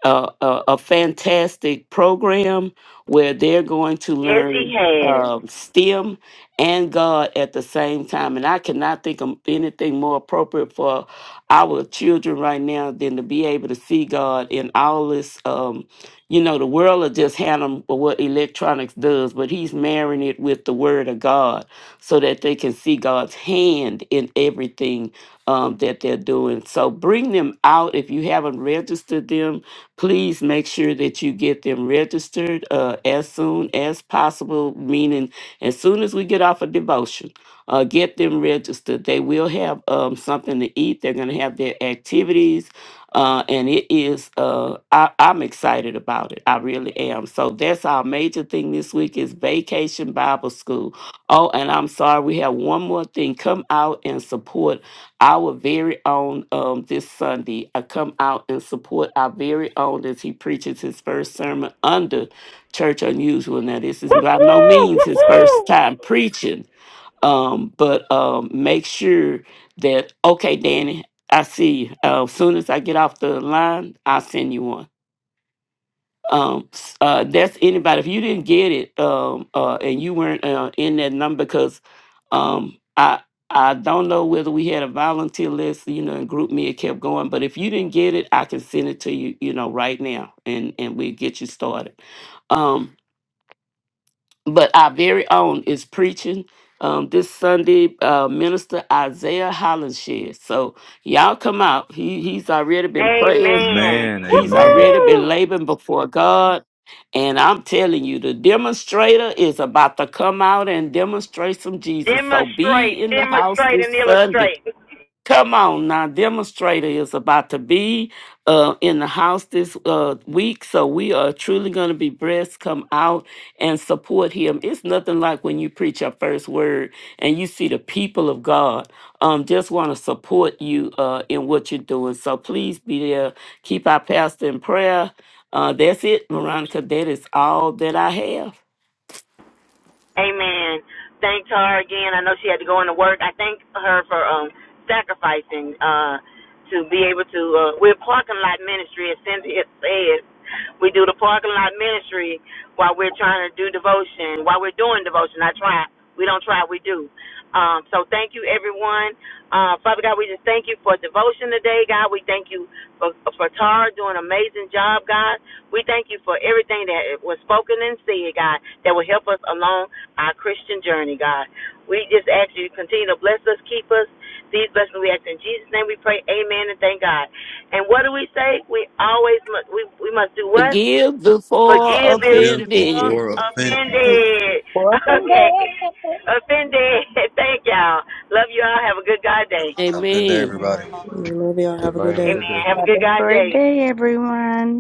Speaker 3: a, a, a fantastic program where they're going to
Speaker 1: yes, he
Speaker 3: learn
Speaker 1: has.
Speaker 3: um, STEM and God at the same time. And I cannot think of anything more appropriate for our children right now than to be able to see God in all this. Um, you know, the world will just hand them what electronics does, but He's marrying it with the Word of God so that they can see God's hand in everything um, that they're doing. So bring them out if you haven't registered them please make sure that you get them registered uh, as soon as possible, meaning as soon as we get off of devotion, uh, get them registered. They will have um, something to eat, they're going to have their activities. Uh, and it is uh, I, i'm excited about it i really am so that's our major thing this week is vacation bible school oh and i'm sorry we have one more thing come out and support our very own um, this Sunday. I come out and support our very own as he preaches his first sermon under Church Unusual. Now, this is by no
Speaker 1: Woohoo!
Speaker 3: means his first
Speaker 1: Woohoo!
Speaker 3: time preaching, um, but um, make sure that, okay, Danny, I see you. Uh, as soon as I get off the line, I'll send you one um s- uh that's anybody if you didn't get it um uh and you weren't uh, in that number because um i i don't know whether we had a volunteer list you know and group me it kept going but if you didn't get it i can send it to you you know right now and and we get you started um but our very own is preaching um this sunday uh minister isaiah hollenshed so y'all come out he he's already been praying
Speaker 1: Amen.
Speaker 3: He's already been
Speaker 1: Woohoo!
Speaker 3: laboring before God. And I'm telling you, the demonstrator is about to come out and demonstrate some Jesus. So
Speaker 1: Demonstrate,
Speaker 3: be in the house
Speaker 1: demonstrate,
Speaker 3: this
Speaker 1: and
Speaker 3: Sunday.
Speaker 1: illustrate.
Speaker 3: Come on now, demonstrator is about to be uh, in the house this uh, week, so we are truly going to be blessed. Come out and support him. It's nothing like when you preach your first word and you see the people of God um, just want to support you uh, in what you're doing. So please be there. Keep our pastor in prayer. Uh, that's it, Veronica. That is all that I have.
Speaker 1: Amen. Thank her again. I know she had to go into work. I thank her for um sacrificing uh to be able to uh we're parking lot ministry as Cynthia said. We do the parking lot ministry while we're trying to do devotion, while we're doing devotion, I try. We don't try, we do. Um, so thank you, everyone. Uh, Father God, we just thank you for devotion today, God. We thank you for, for Tara doing an amazing job, God. We thank you for everything that was spoken and said, God, that will help us along our Christian journey, God. We just ask you to continue to bless us, keep us. These blessings we ask in Jesus' name. We pray, Amen, and thank God. And what do we say? We always must, we we must do what?
Speaker 3: Forgive before
Speaker 1: Forgive if
Speaker 4: you
Speaker 1: before
Speaker 3: offended.
Speaker 4: before offending.
Speaker 7: We
Speaker 1: offended.
Speaker 5: Welcome
Speaker 1: Okay.
Speaker 5: back.
Speaker 1: Offended. Thank y'all. Love you all. Have a good God day.
Speaker 4: Have a good day,
Speaker 3: Amen.
Speaker 4: everybody.
Speaker 7: love y'all. Have a
Speaker 6: Everybody
Speaker 7: good
Speaker 6: have a
Speaker 7: day.
Speaker 6: good
Speaker 1: Amen.
Speaker 6: day.
Speaker 1: Have a
Speaker 5: Have
Speaker 1: good
Speaker 5: a
Speaker 1: God
Speaker 5: great
Speaker 1: day.
Speaker 5: day, everyone.